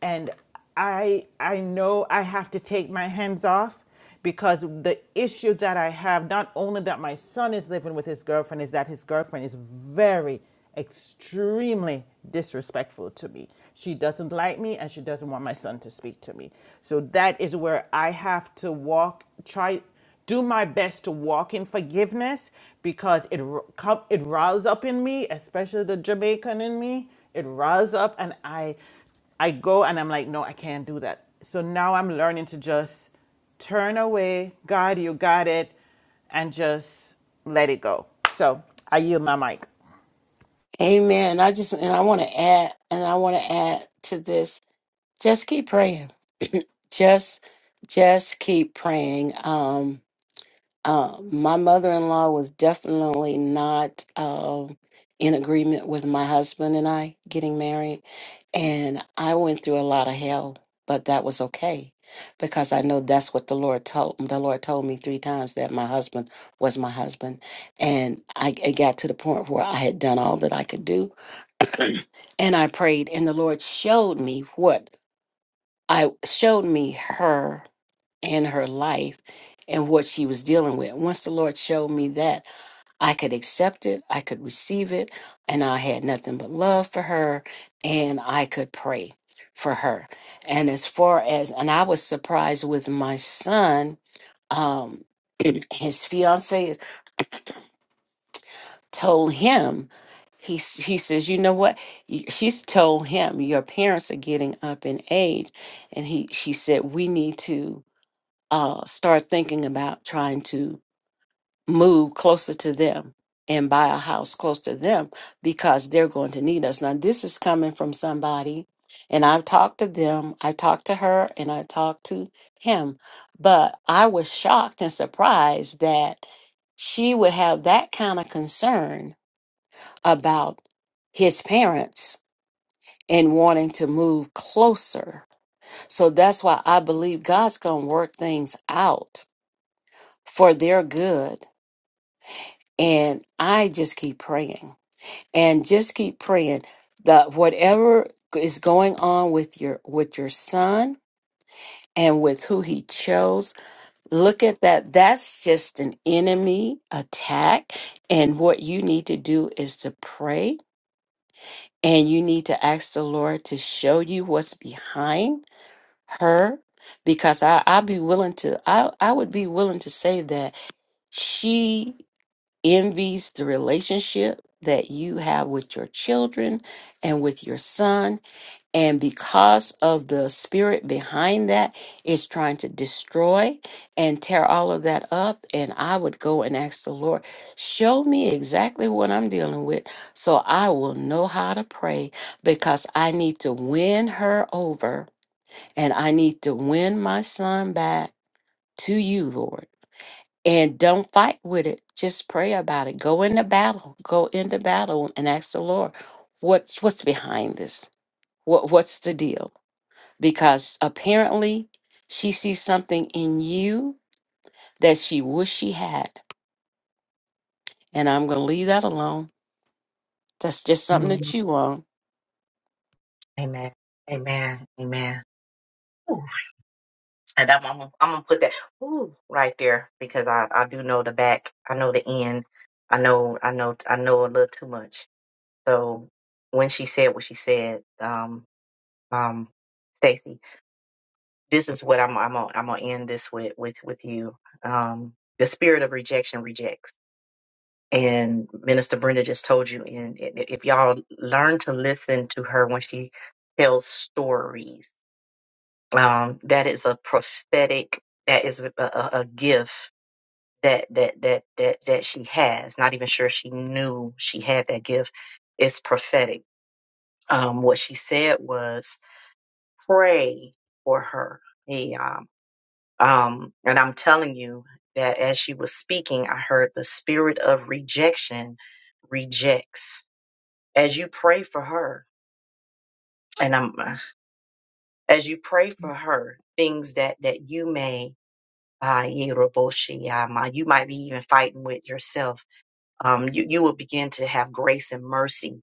and i i know i have to take my hands off because the issue that I have, not only that my son is living with his girlfriend, is that his girlfriend is very, extremely disrespectful to me. She doesn't like me and she doesn't want my son to speak to me. So that is where I have to walk, try, do my best to walk in forgiveness because it r- co- it riles up in me, especially the Jamaican in me. It riles up, and I I go and I'm like, no, I can't do that. So now I'm learning to just turn away, God, you got it, and just let it go. So I yield my mic. Amen. I just and I want to add and I want to add to this. Just keep praying. Just just keep praying. Um Uh, my mother-in-law was definitely not um, in agreement with my husband and I getting married, and I went through a lot of hell, but that was okay because I know that's what the Lord told the Lord told me three times that my husband was my husband, and I it got to the point where I had done all that I could do, and I prayed, and the Lord showed me what I showed me her and her life and what she was dealing with. Once the Lord showed me that. I could accept it, I could receive it, and I had nothing but love for her, and I could pray for her. And as far as, and I was surprised with my son, um, his fiance told him, he, s- he says, you know what? You- She's told him, your parents are getting up in age. And he, she said, we need to uh, start thinking about trying to move closer to them and buy a house close to them because they're going to need us. Now, this is coming from somebody, and I've talked to them, I talked to her, and I talked to him, but I was shocked and surprised that she would have that kind of concern about his parents and wanting to move closer. So that's why I believe God's going to work things out for their good. And I just keep praying. and just keep praying that whatever is going on with your with your son and with who he chose look at that that's just an enemy attack and what you need to do is to pray and you need to ask the lord to show you what's behind her because i i'd be willing to i i would be willing to say that she envies the relationship that you have with your children and with your son. And because of the spirit behind that, it's trying to destroy and tear all of that up. And I would go and ask the Lord, show me exactly what I'm dealing with so I will know how to pray because I need to win her over and I need to win my son back to you, Lord and don't fight with it. Just pray about it. Go into battle. Go into battle and ask the Lord, what's what's behind this? What what's the deal? Because apparently she sees something in you that she wish she had. And I'm gonna leave that alone. That's just something to chew on. Amen. Amen. Amen. Ooh, and I'm, I'm, I'm gonna put that ooh, right there because I, I do know the back. I know the end. I know I know I know a little too much. So when she said what she said, um, um, Stacy, this is what I'm I'm gonna, I'm gonna end this with with with you. Um, the spirit of rejection rejects. And Minister Brenda just told you, and i- if y'all learn to listen to her when she tells stories, um, that is a prophetic. That is a, a, a gift that that that that that she has. Not even sure she knew she had that gift. It's prophetic. Um, what she said was, "Pray for her." Hey, um, um, and I'm telling you that as she was speaking, I heard the spirit of rejection rejects as you pray for her and i'm as you pray for her things that that you may uh, you might be even fighting with yourself um, you, you will begin to have grace and mercy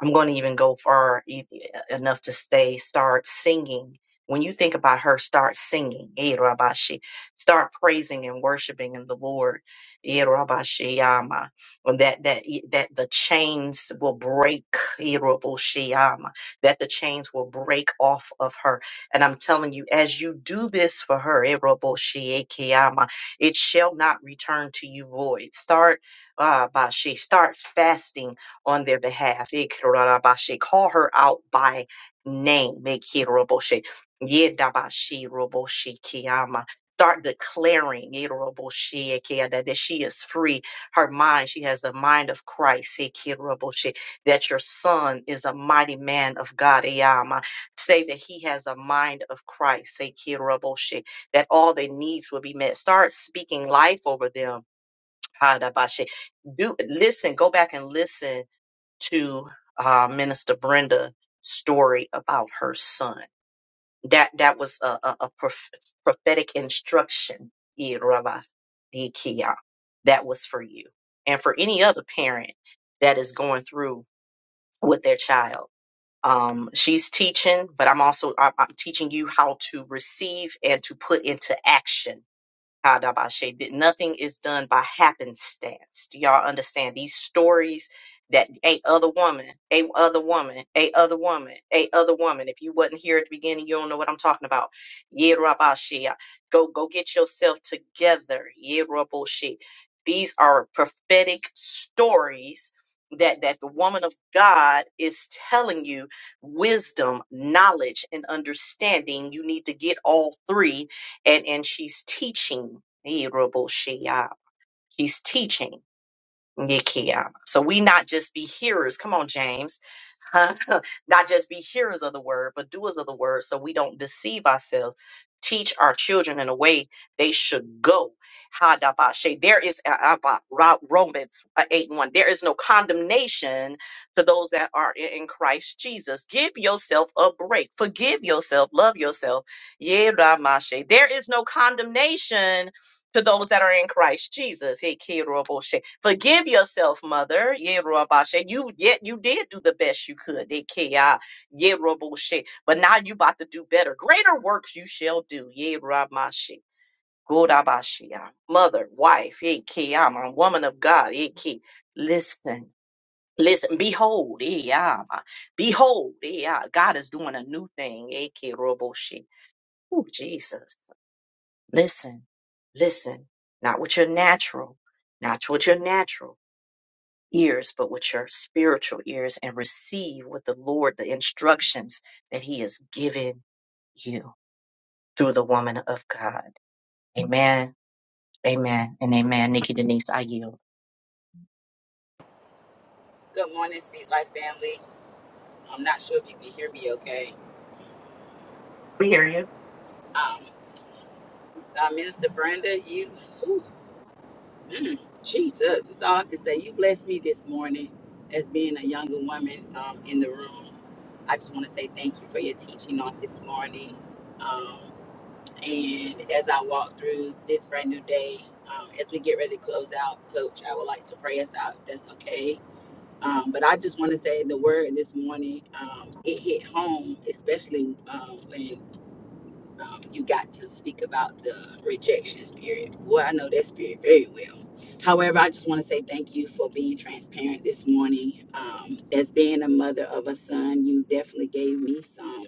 I'm going to even go far e- enough to stay, start singing. When you think about her, start singing. Eh, Rabashi. Start praising and worshiping in the Lord. Eh, Rabashi, Yama. And That, that, e, that the chains will break. Eh, Rabashi, Yama. That the chains will break off of her. And I'm telling you, as you do this for her, eh, Rabashi, Eke, Yama, it shall not return to you void. Start, uh, Bashi, start fasting on their behalf. Ikirorarabashi. Call her out by name. Ikiroroboshi. Yedabashi roboshi kiyama. Start declaring Ikiroroboshi, ikia, that that she is free. Her mind, she has the mind of Christ. Ikiroroboshi. That your son is a mighty man of God. Iyama. Say that he has a mind of Christ. Ikiroroboshi. That all their needs will be met. Start speaking life over them. Hadabashi. Do listen, go back and listen to uh, Minister Brenda story about her son. That that was a, a, a prof- prophetic instruction, Yeh Rabba di Dikia. that was for you and for any other parent that is going through with their child. Um, she's teaching, but I'm also I'm, I'm teaching you how to receive and to put into action Hadabashe, that nothing is done by happenstance. Do y'all understand these stories that a other woman, a other woman, a other woman, a other woman. If you wasn't here at the beginning, you don't know what I'm talking about. Yerabashe, go go get yourself together. Yeraboshe. These are prophetic stories that that the woman of God is telling you wisdom, knowledge, and understanding. You need to get all three and and she's teaching Ni Robo Shea. yeah. she's teaching Nikia. So we not just be hearers. Come on, James. Huh? not just be hearers of the word, but doers of the word so we don't deceive ourselves. Teach our children in a way they should go. Hadabashe. There is uh, uh, uh, Ro- Romans uh, 8 and 1. There is no condemnation to those that are in in Christ Jesus. Give yourself a break. Forgive yourself. Love yourself. Yeramashe. There is no condemnation to those that are in Christ Jesus. Hey, Kiroboshe. Forgive yourself, mother. Yeroboshe. You yet you did do the best you could. Hey, Kia. Yeroboshe. But now you about to do better. Greater works you shall do. Yerobashi. Godabashia. Mother, wife, hey, Kia. I'm a woman of God. Hey, Ki. Listen. Listen, behold, eh, ah, behold, eh, ah, God is doing a new thing. eh, Kiroboshe. Oh, Jesus. Listen, listen, not with your natural, not with your natural ears, but with your spiritual ears and receive with the Lord the instructions that He has given you through the woman of God. Amen, amen, and amen. Nikki Denise, I yield. Good morning, Speak Life family. I'm not sure if you can hear me okay. We hear you. Um, uh, Minister Brenda, you, whew, mm, Jesus, that's all I can say. You blessed me this morning as being a younger woman um, in the room. I just want to say thank you for your teaching on this morning. Um, and as I walk through this brand new day, um, as we get ready to close out, Coach, I would like to pray us out if that's okay. Um, but I just want to say the word this morning, um, it hit home, especially um, when um, you got to speak about the rejection spirit. Boy, I know that spirit very well. However, I just want to say thank you for being transparent this morning. Um, as being a mother of a son, you definitely gave me some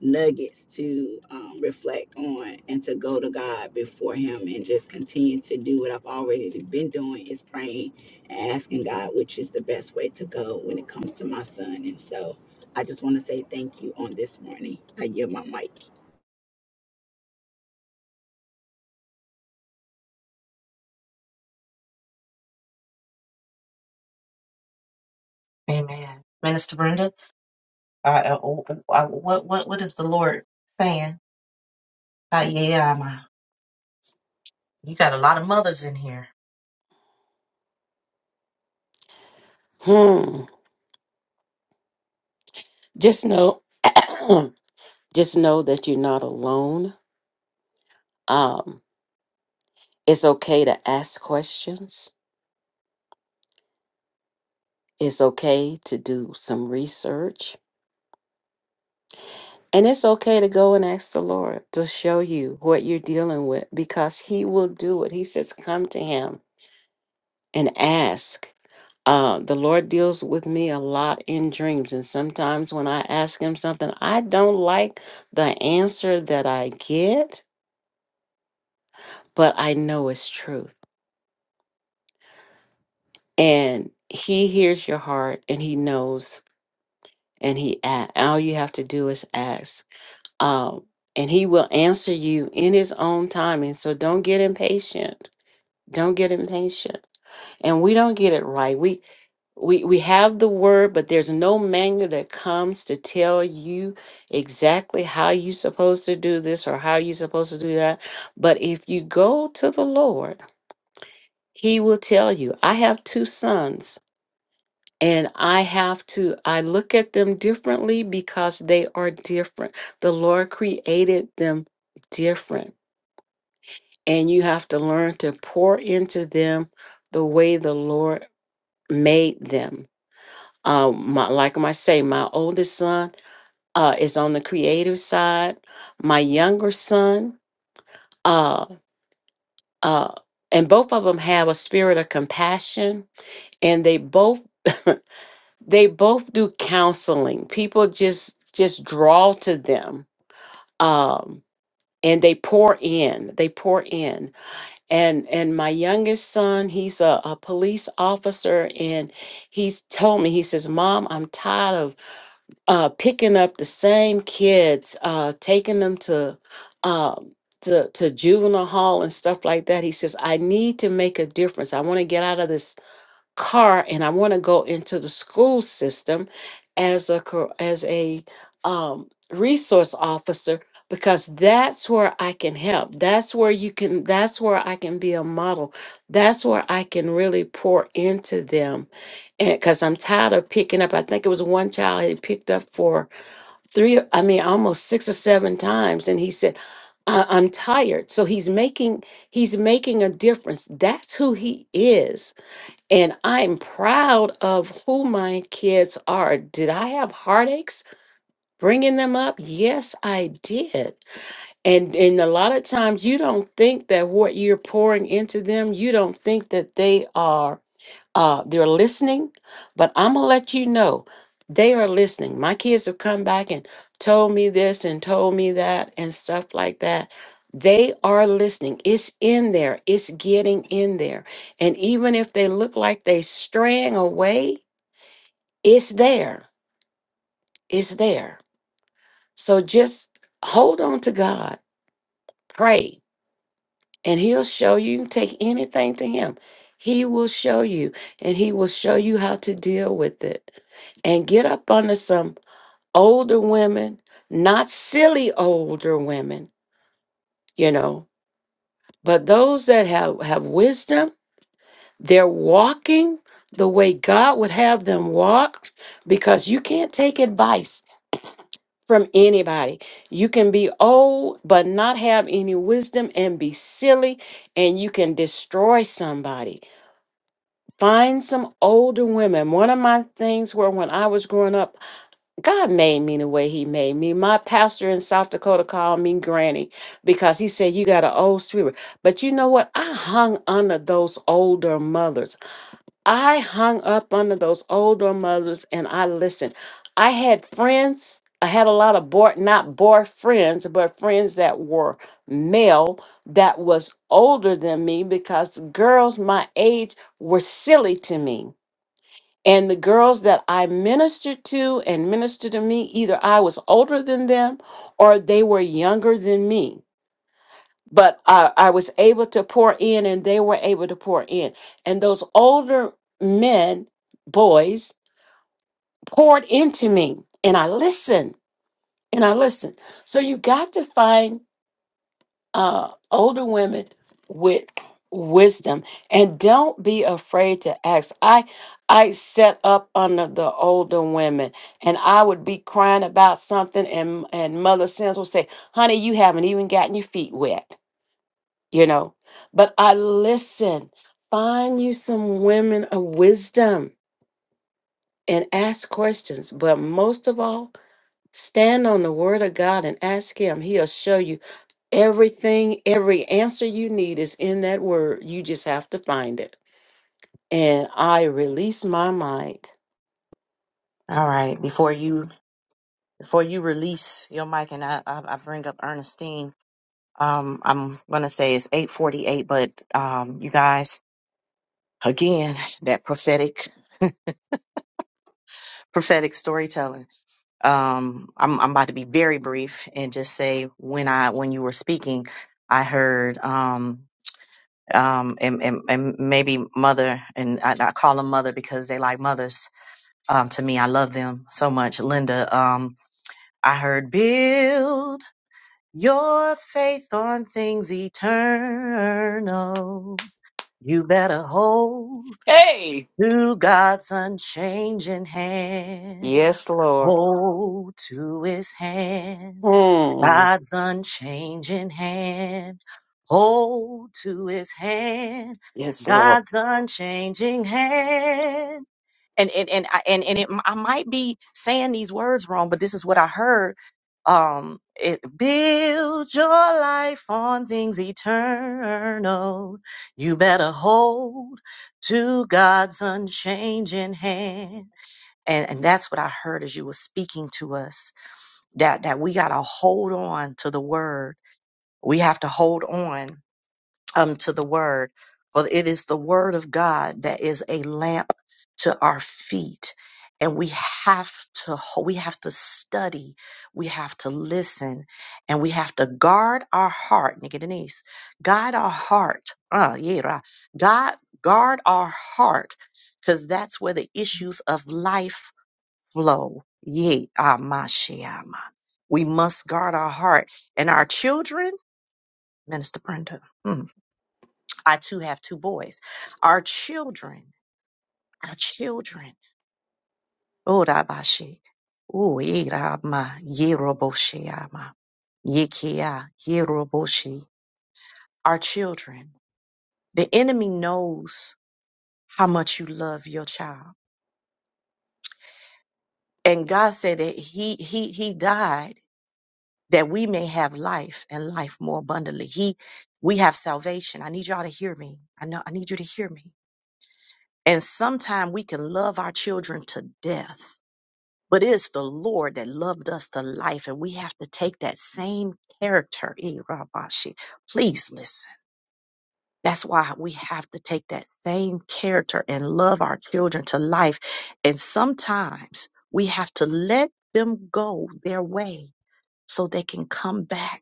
nuggets to um, reflect on and to go to God before Him and just continue to do what I've already been doing is praying and asking God which is the best way to go when it comes to my son. And so I just want to say thank you on this morning. I yield my mic. Amen. Minister Brenda, uh, uh, uh, what, what, what is the Lord saying? Uh, yeah, I'm, uh, you got a lot of mothers in here. Hmm. Just know just know that you're not alone. Um, it's okay to ask questions. It's okay to do some research And it's okay to go and ask the Lord to show you what you're dealing with because He will do it. He says, Come to Him and ask. Uh, the Lord deals with me a lot in dreams. And sometimes when I ask Him something, I don't like the answer that I get, but I know it's truth. And He hears your heart and He knows and He act. All you have to do is ask. Um, and He will answer you in His own timing. So don't get impatient Don't get impatient. And we don't get it right. We we we have the word, but there's no manual that comes to tell you exactly how you're supposed to do this or how you're supposed to do that. But if you go to the Lord, he will tell you. I have two sons and I have to I look at them differently because they are different. The Lord created them different. And you have to learn to pour into them the way the Lord made them. Um, my, like I say, my oldest son uh, is on the creative side. My younger son, uh, uh, and both of them have a spirit of compassion, and they both they both do counseling. People just just draw to them, um, and they pour in. They pour in. And and my youngest son, he's a, a police officer, and he's told me he says, "Mom, I'm tired of." uh, picking up the same kids, uh, taking them to, um, to to juvenile hall and stuff like that. He says, I need to make a difference. I want to get out of this car and I want to go into the school system as a co- as a um, resource officer because that's where I can help. That's where you can. That's where I can be a model. That's where I can really pour into them. And because I'm tired of picking up. I think it was one child he picked up for three i mean almost six or seven times and he said I- i'm tired so he's making he's making a difference that's who he is and i'm proud of who my kids are did i have heartaches bringing them up yes i did and and a lot of times you don't think that what you're pouring into them you don't think that they are uh, they're listening, but I'm gonna let you know they are listening. My kids have come back and told me this and told me that and stuff like that. They are listening. It's in there. It's getting in there. And even if they look like they straying away, it's there. It's there. So just hold on to God. Pray and he'll show you. You can take anything to him. He will show you, and he will show you how to deal with it. And get up under some older women, not silly older women, you know, but those that have, have wisdom, they're walking the way God would have them walk because you can't take advice from anybody. You can be old but not have any wisdom and be silly and you can destroy somebody Find some older women. One of my things were when I was growing up, God made me the way He made me. My pastor in South Dakota called me Granny because he said, You got an old spirit. But you know what? I hung under those older mothers. I hung up under those older mothers and I listened. I had friends. I had a lot of boy, not boyfriends, but friends that were male that was older than me because girls my age were silly to me. And the girls that I ministered to and ministered to me, either I was older than them or they were younger than me but I, I was able to pour in and they were able to pour in. And those older men, boys, poured into me and I listened and I listened. So you got to find uh, older women with wisdom and don't be afraid to ask. I I set up under the older women and I would be crying about something and and mother sins would say, honey, you haven't even gotten your feet wet. you know. But I listen, find you some women of wisdom and ask questions. But most of all, stand on the word of God and ask Him. He'll show you everything, every answer you need is in that word. You just have to find it. And I release my mind. All right, before you Before you release your mic and I, I, I bring up Ernestine, um, I'm going to say it's 848, but um, you guys, again, that prophetic prophetic storytelling. Um, I'm, I'm about to be very brief and just say when I when you were speaking, I heard um, um, and, and, and maybe mother and I, I call them mother because they like mothers um, to me. I love them so much, Linda. Um, I heard build. Your faith on things eternal. You better hold Hey, to God's unchanging hand. yes, Lord. Hold to his hand. Mm, God's unchanging hand. Hold to his hand. yes, Lord. God's unchanging hand and and and I, and, and it, I might be saying these words wrong, but this is what I heard. Um, it, build your life on things eternal. You better hold to God's unchanging hand. And, and that's what I heard as you were speaking to us that, that we got to hold on to the word. We have to hold on um, to the word. For it is the word of God that is a lamp to our feet. And we have to, we have to study, we have to listen, and we have to guard our heart, Nikki Denise, guide our heart. Uh, yeah, right. God, guard our heart, because that's where the issues of life flow. Yeah, ah, my Shema. We must guard our heart and our children, Minister Brenda. mm, I too have two boys. Our children, our children. Oh, Rabashi. Oh, Irama, Yeroboshiama, Yekia, Yeroboshi. Our children. The enemy knows how much you love your child. And God said that He He He died that we may have life and life more abundantly. He we have salvation. I need y'all to hear me. I know I need you to hear me. And sometimes we can love our children to death But it is the Lord that loved us to life, and we have to take that same character. Eh, Rabashi, Please listen. That's why we have to take that same character and love our children to life. And sometimes we have to let them go their way so they can come back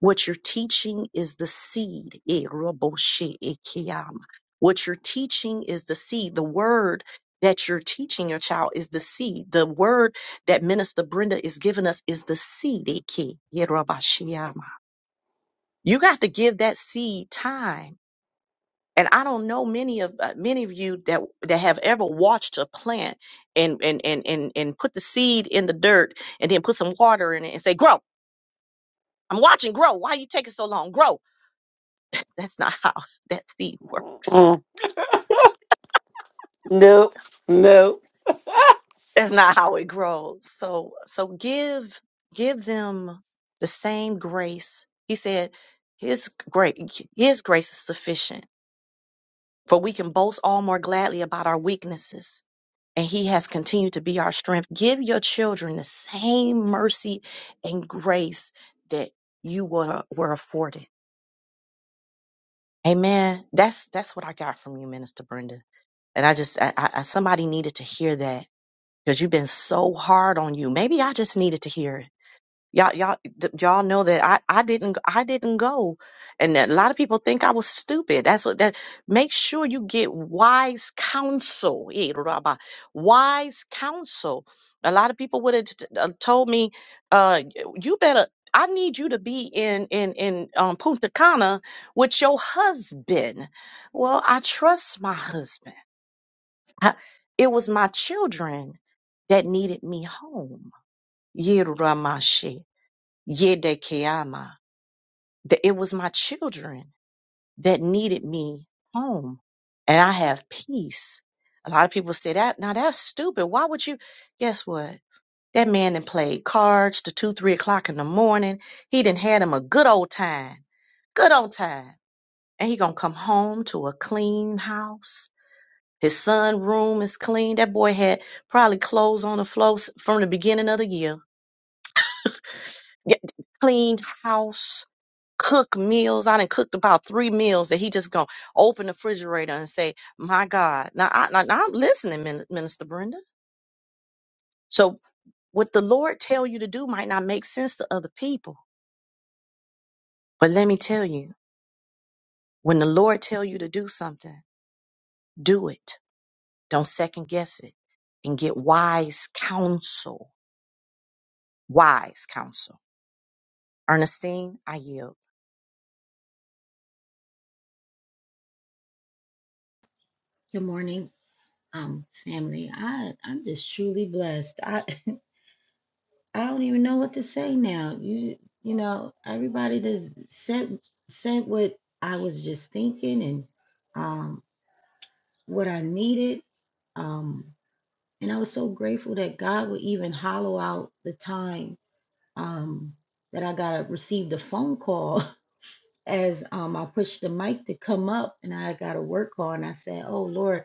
What you're teaching is the seed. Eh, roboshe, eh, kiyama. What you're teaching is the seed. The word that you're teaching your child is the seed. The word that Minister Brenda is giving us is the seed. eh, ki, eh, robashiyama. You got to give that seed time. And I don't know many of uh, many of you that that have ever watched a plant and and and and and put the seed in the dirt and then put some water in it and say grow. I'm watching grow. Why are you taking so long? Grow. That's not how that seed works. Mm, nope, nope. That's not how it grows. So so give give them the same grace. He said his great his grace is sufficient. For we can boast all more gladly about our weaknesses. And he has continued to be our strength. Give your children the same mercy and grace that you were, were afforded. Amen. That's that's what I got from you, Minister Brenda. And I just I, I, somebody needed to hear that because you've been so hard on you. Maybe I just needed to hear it. Y'all, y'all, d- y'all know that I, I didn't, I didn't go, and that a lot of people think I was stupid. That's what that. Make sure you get wise counsel, Eh, Rabba. wise counsel. A lot of people would have t- uh, told me, uh, y- you better. I need you to be in in in um, Punta Cana with your husband. Well, I trust my husband. I- It was my children that needed me home. Yeramashi, Yedekiama. Th- It was my children that needed me home. And I have peace. A lot of people say that. Now that's stupid. Why would you? Guess what? That man done played cards to two, three o'clock in the morning. He done had him a good old time. Good old time. And he gonna come home to a clean house his son room is clean. That boy had probably clothes on the floor s- from the beginning of the year. Get, clean house, cook meals. I done cooked about three meals that he just gonna open the refrigerator and say, "My God!" Now, I, now, now I'm listening, Min- Minister Brenda. So what the Lord tell you to do might not make sense to other people, but let me tell you, when the Lord tell you to do something, do it. Don't second guess it, and get wise counsel. Wise counsel Ernestine, I yield. Good morning, um, family. I I'm just truly blessed. I I don't even know what to say now. You you know everybody just said said what I was just thinking and um what I needed. Um, and I was so grateful that God would even hollow out the time um that I got received a phone call as um I pushed the mic to come up and I got a work call and I said, Oh Lord,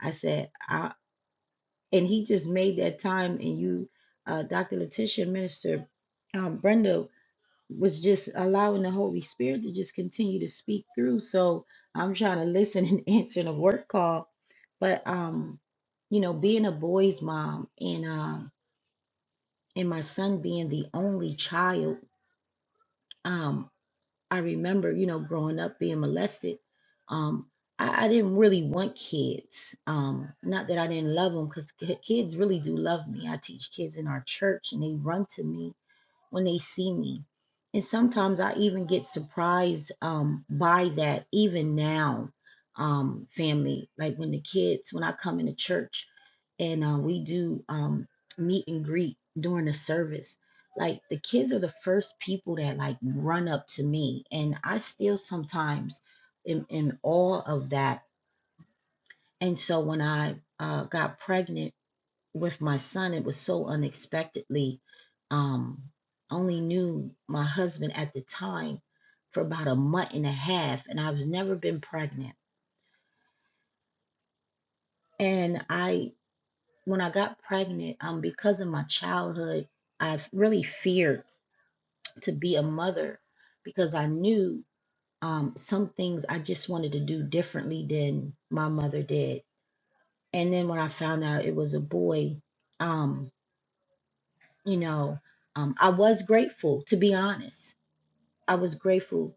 I said I and he just made that time and you uh, dr letitia minister um, brenda was just allowing the holy spirit to just continue to speak through so i'm trying to listen and answering a work call but um you know being a boy's mom and um and my son being the only child um. I remember, you know, growing up being molested. Um, I, I didn't really want kids. Um, not that I didn't love them, because kids really do love me. I teach kids in our church, and they run to me when they see me. And sometimes I even get surprised um, by that, even now, um, family. Like when the kids, when I come into church and uh, we do um, meet and greet during the service, like the kids are the first people that like run up to me. And I still sometimes am in awe of that. And so when I uh, got pregnant, with my son, it was so unexpectedly. Um, only knew my husband at the time for about a month and a half, and I have never been pregnant. And I, when I got pregnant, um, because of my childhood, I have really feared to be a mother because I knew um, some things I just wanted to do differently than my mother did. And then when I found out it was a boy, um, you know, um, I was grateful, to be honest I was grateful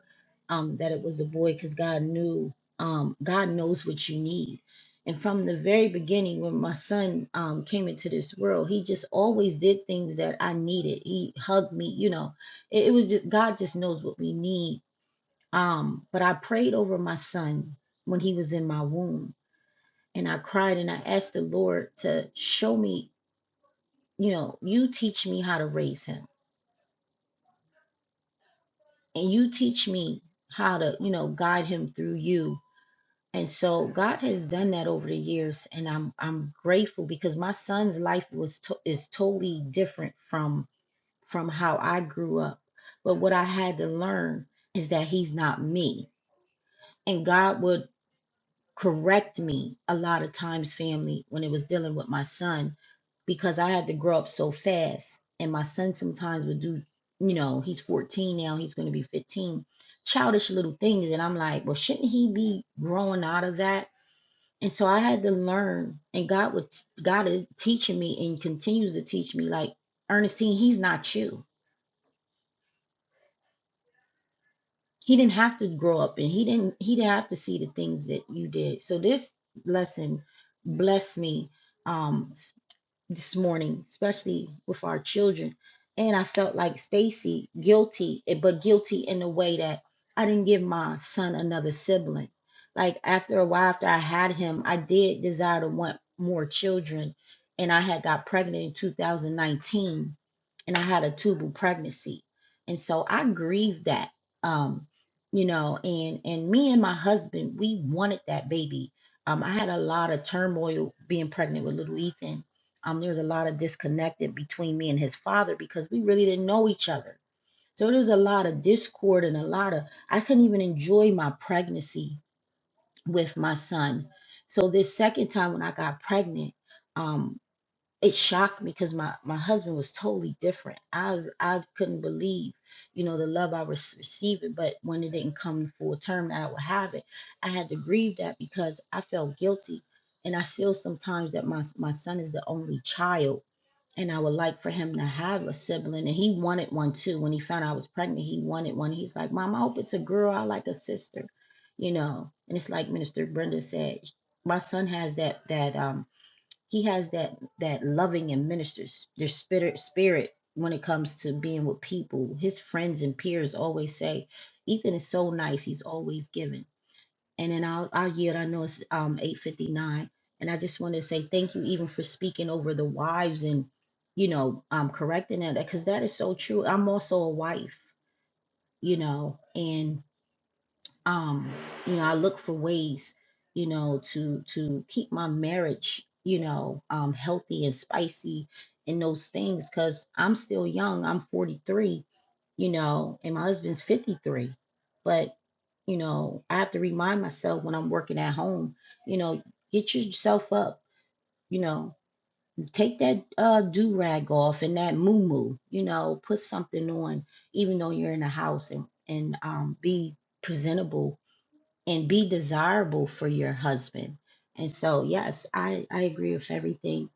um, that it was a boy because God knew, um, God knows what you need. And from the very beginning, when my son um, came into this world, he just always did things that I needed. He hugged me, you know. It, it was just God just knows what we need. Um, but I prayed over my son when he was in my womb, and I cried and I asked the Lord to show me, you know, you teach me how to raise him, and you teach me how to, you know, guide him through you And so God has done that over the years, and I'm I'm grateful because my son's life was to, is totally different from from how I grew up. But what I had to learn is that he's not me, and God would correct me a lot of times, family, when it was dealing with my son, because I had to grow up so fast, and my son sometimes would do, you know, he's 14 now, he's going to be 15, childish little things, and I'm like, well, shouldn't he be growing out of that? And so I had to learn, and God would God is teaching me and continues to teach me. Like Ernestine, he's not you. He didn't have to grow up, and he didn't he didn't have to see the things that you did. So this lesson blessed me. Um, this morning, especially with our children. And I felt like Stacy guilty, eh, but guilty in the way that I didn't give my son another sibling. Like after a while, after I had him, I did desire to want more children. And I had got pregnant in 2019 and I had a tubal pregnancy. And so I grieved that. Um, you know, and and me and my husband, we wanted that baby. Um, I had a lot of turmoil being pregnant with little Ethan um, there was a lot of disconnected between me and his father because we really didn't know each other. So there was a lot of discord and a lot of, I couldn't even enjoy my pregnancy with my son. So this second time when I got pregnant, um it shocked me because my my husband was totally different. I was I couldn't believe, you know, the love I was receiving. But when it didn't come full term, that I would have it. I had to grieve that because I felt guilty, and I feel sometimes that my my son is the only child, and I would like for him to have a sibling, and he wanted one too. When he found out I was pregnant, he wanted one. He's like, Mom, I hope it's a girl. I like a sister, you know. And it's like Minister Brenda said, my son has that that um he has that that loving and ministers their spirit spirit when it comes to being with people. His friends and peers always say, Ethan is so nice. He's always giving. And then I'll I'll yield. I know it's um eight fifty nine, and I just want to say thank you even for speaking over the wives and you know um correcting that because that is so true. I'm also a wife, you know, and um you know i look for ways you know to to keep my marriage you know um healthy and spicy and those things because i'm still young i'm 43 you know and my husband's 53 but you know i have to remind myself when i'm working at home you know get yourself up you know take that uh do rag off and that moo moo you know put something on even though you're in the house and and um be presentable and be desirable for your husband. And so, yes, I, I agree with everything.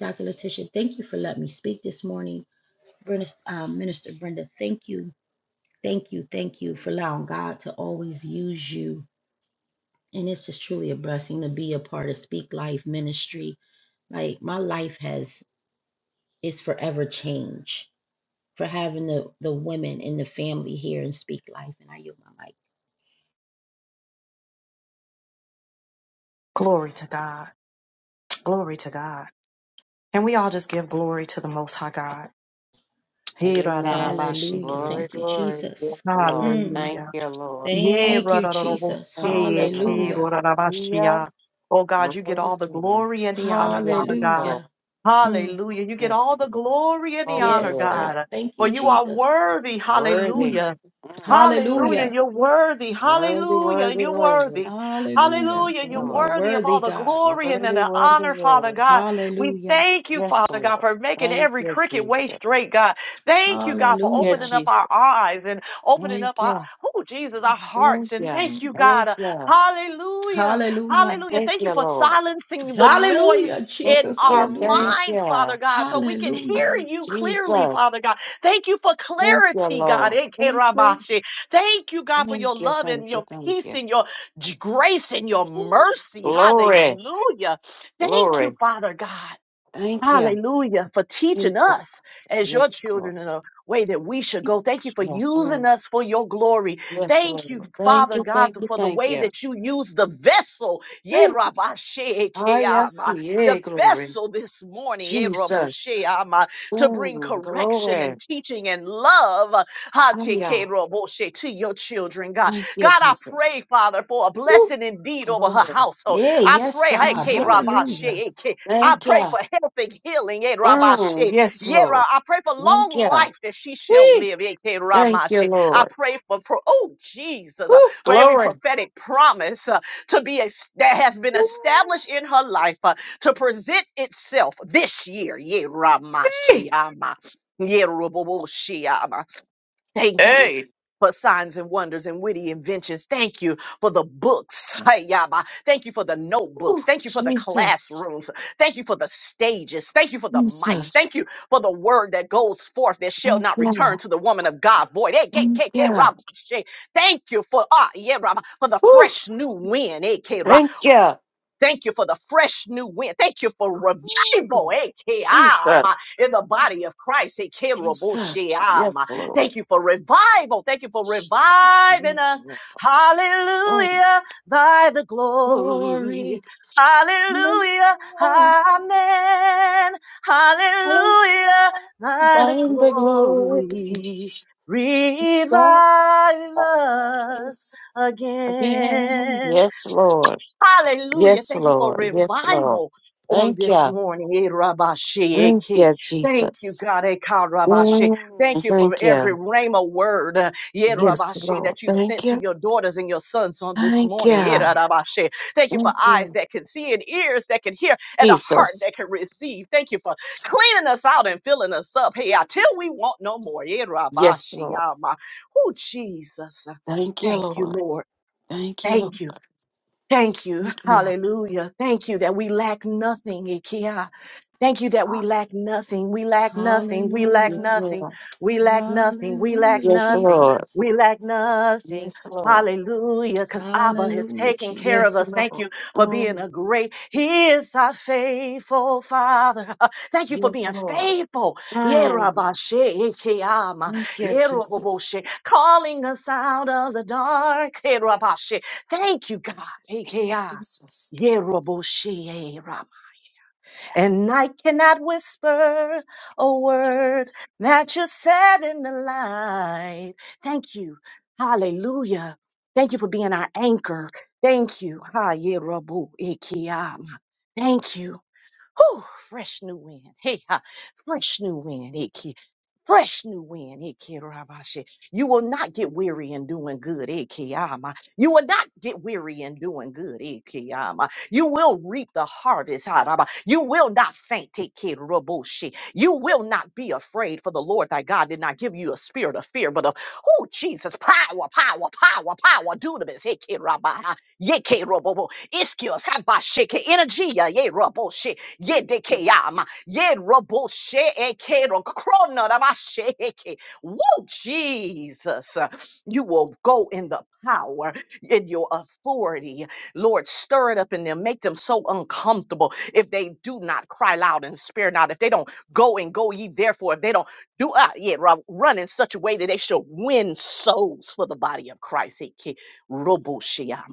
Dr. Letitia, thank you for letting me speak this morning. Brenda, um, Minister Brenda, thank you, thank you, thank you for allowing God to always use you. And it's just truly a blessing to be a part of Speak Life Ministry. Like my life has is forever changed for having the, the women in the family here and Speak Life. And I yield my mic. Glory to God. Glory to God. Can we all just give glory to the Most High God? He ra ra ra Amen. ba shi Hallelujah. ki ra. Glory, Thank you, glory. Jesus. Yes, Lord. Mm. Thank Hallelujah. you, Lord. I Ye Thank ra you, ra ra ra bo Jesus. Thank you, si ki Lord. ra Hallelujah. ra ra ba shi Hallelujah. ya. Oh God, you get Glory all to the glory and the honor, Father Yes, God. Lord. Hallelujah. Mm. Hallelujah. You get Yes, all the Lord. glory and the All the Yes, glory. God. honor Thank for you, Jesus. Worthy. Mm. you. Mm. Worthy. Hallelujah. Worthy, worthy, worthy. Hallelujah. Hallelujah. Yes, You are Lord. worthy, God. Worthy, Oh worthy, worthy. God, we Hallelujah. Yes, Father, Lord. Thank you, Jesus. wait, God. They Thank you, opening Hallelujah. up our Jesus. eyes and, Thank oh you. Jesus, I Thank should you. Mm. Thank you. Hallelujah. Hallelujah. Hallelujah. Thank you, Lord. Hallelujah, Thank Jesus. you. Thank Hallelujah. minds, you. Father God, so we can hear Oh, Hallelujah. you clearly, Father Jesus. God. Thank you for Thank you, clarity, God. Lord. Thank you. Ekerabashi. Thank you, God, for your Thank you. love Thank and you. your Thank peace you. and your j- grace and your Woo. mercy. Glory. Hallelujah. Thank you, Glory. Father God. Thank you. Hallelujah. For Thank teaching you. us as your Yes, Lord. children in a way that we should go. Thank you for Yes, Lord. using us for your glory. Yes, Thank you, Lord. Thank Father you. God, Thank you. for the Thank way you. that you use the vessel. Yeah, Woo. Rabba Shea I I Keama, see. Yeah, The glory. vessel this morning, yeah, Rabba Jesus. Sheama, to bring Ooh, correction glory. and teaching and love uh, ha, te ke Hallelujah. Rabba Shea, to your children, God. Thank you, God, I pray, Jesus. Father, for a Ooh, blessing indeed over her Glory. household. Yeah, I yes, pray, hey, Thank God. K you. Rabba Hallelujah. Shea, I Thank pray you. for health and healing. eh, Mm, Rabashi. yes, Yeah, Ra- Lord. I pray for long Thank you. life that she shall Whee! live. eh, Ke Thank you, Ramashi. I Lord. pray for, for oh Jesus, Woo! uh, for every Glory. prophetic promise uh, to be es- that has been established in her life uh, to present itself this year. Yeah, Ramashi, Whee! Ama. Yeah, Thank you Hey. for signs and wonders and witty inventions. Thank you for the books. Hi, Yaba. Thank you for the notebooks. Woo! Thank you for the Jesus. classrooms. Thank you for the stages. Thank you for the mics. Thank Jesus. you for the word that goes forth that shall Thank not return you. to the woman of God void. Hey, K, Thank K, K, you. Rabba, Shay. Thank you for, ah, yeah, Rabba, for the Woo! fresh new wind. Thank you. Thank you for the fresh new wind. Thank you for revival Woo! AKM, Jesus. in the body of Christ. Jesus. AKROBOSHIAM. Yes, Lord. Thank you for revival. Thank you for Jesus. reviving Yes, us. Lord. Oh, Hallelujah. Thy the glory. glory. Hallelujah. Hallelujah. Amen. Hallelujah. Hallelujah. Thy the Find the glory. glory. Thine the Revive glory. us again. again. Yes, Lord. Hallelujah. Yes, Thank you for Lord. Yes, Lord. revival on Thank this you. morning. Eh, Rabashe, Thank Eke. you, Thank you, Jesus. God. Eka Rabashe. Thank Mm, you for thank every you. rhema word uh, yeah, Yes, Rabashe, Lord. that you've Thank sent to you. your daughters and your sons on this Thank morning. Eh, you. Rabashe. Thank you for Thank eyes you, that can see and ears that can hear and a heart Jesus. that can receive. Thank you for cleaning us out and filling us up. Hey, until we want no more. Eh, Yes, Rabashe, Lord. Yama. Oh, Jesus. Thank you, Thank you, Lord. Lord. Thank you, Lord. Thank you. Thank you. Thank you, Lord. Hallelujah. Thank you that we lack nothing, Ikea. Thank you that we lack nothing. We lack nothing. We lack Yes, Hallelujah. nothing. Lord. We lack nothing. We lack Hallelujah, Yes, nothing. Lord. Jesus. We lack nothing. Yes, Lord. Hallelujah. Because Abba has Hallelujah, taken care of Yes, us. Jesus. Thank Lord. you for being Mm, a great, He is our faithful Father. Thank you for yes, being Lord. faithful. Mm, Yerabashe-ikeyama, thank you, Jesus. yeroboboshe, Calling us out of the dark. Yerabashe. Thank you, God. Thank you, Ikeya, Jesus. yeroboshe, Yes. and I cannot whisper a word that you said in the light. Thank you. Hallelujah. Thank you for being our anchor. Thank you. Ha, ye, rabu, ikiam. Thank you. Whew, fresh new wind. Hey, ha, fresh new wind, Iki. Fresh new wind, Iki Rabashi. You will not get weary in doing good, Iki Ama. You will not get weary in doing good, Iki Ama. You will reap the harvest, Haraba. You will not faint, Iki Raboshi. You will not be afraid, for the Lord thy God did not give you a spirit of fear, but of, oh, Jesus, power, power, power, power, dunamis, Iki Rabaha, Yeke Rabobo, Iskios, Habashiki, energy, yeah, Raboshi. Ye dekeyama. ye Yedekeyama. Yerobosheekero. Kronorabasheeke. Woo, Jesus. You will go in the power, in your authority. Lord, stir it up in them. Make them so uncomfortable if they do not cry loud and spare not. If they don't go and go ye therefore, if they don't do uh, yeah, ru- run in such a way that they shall win souls for the body of Christ. He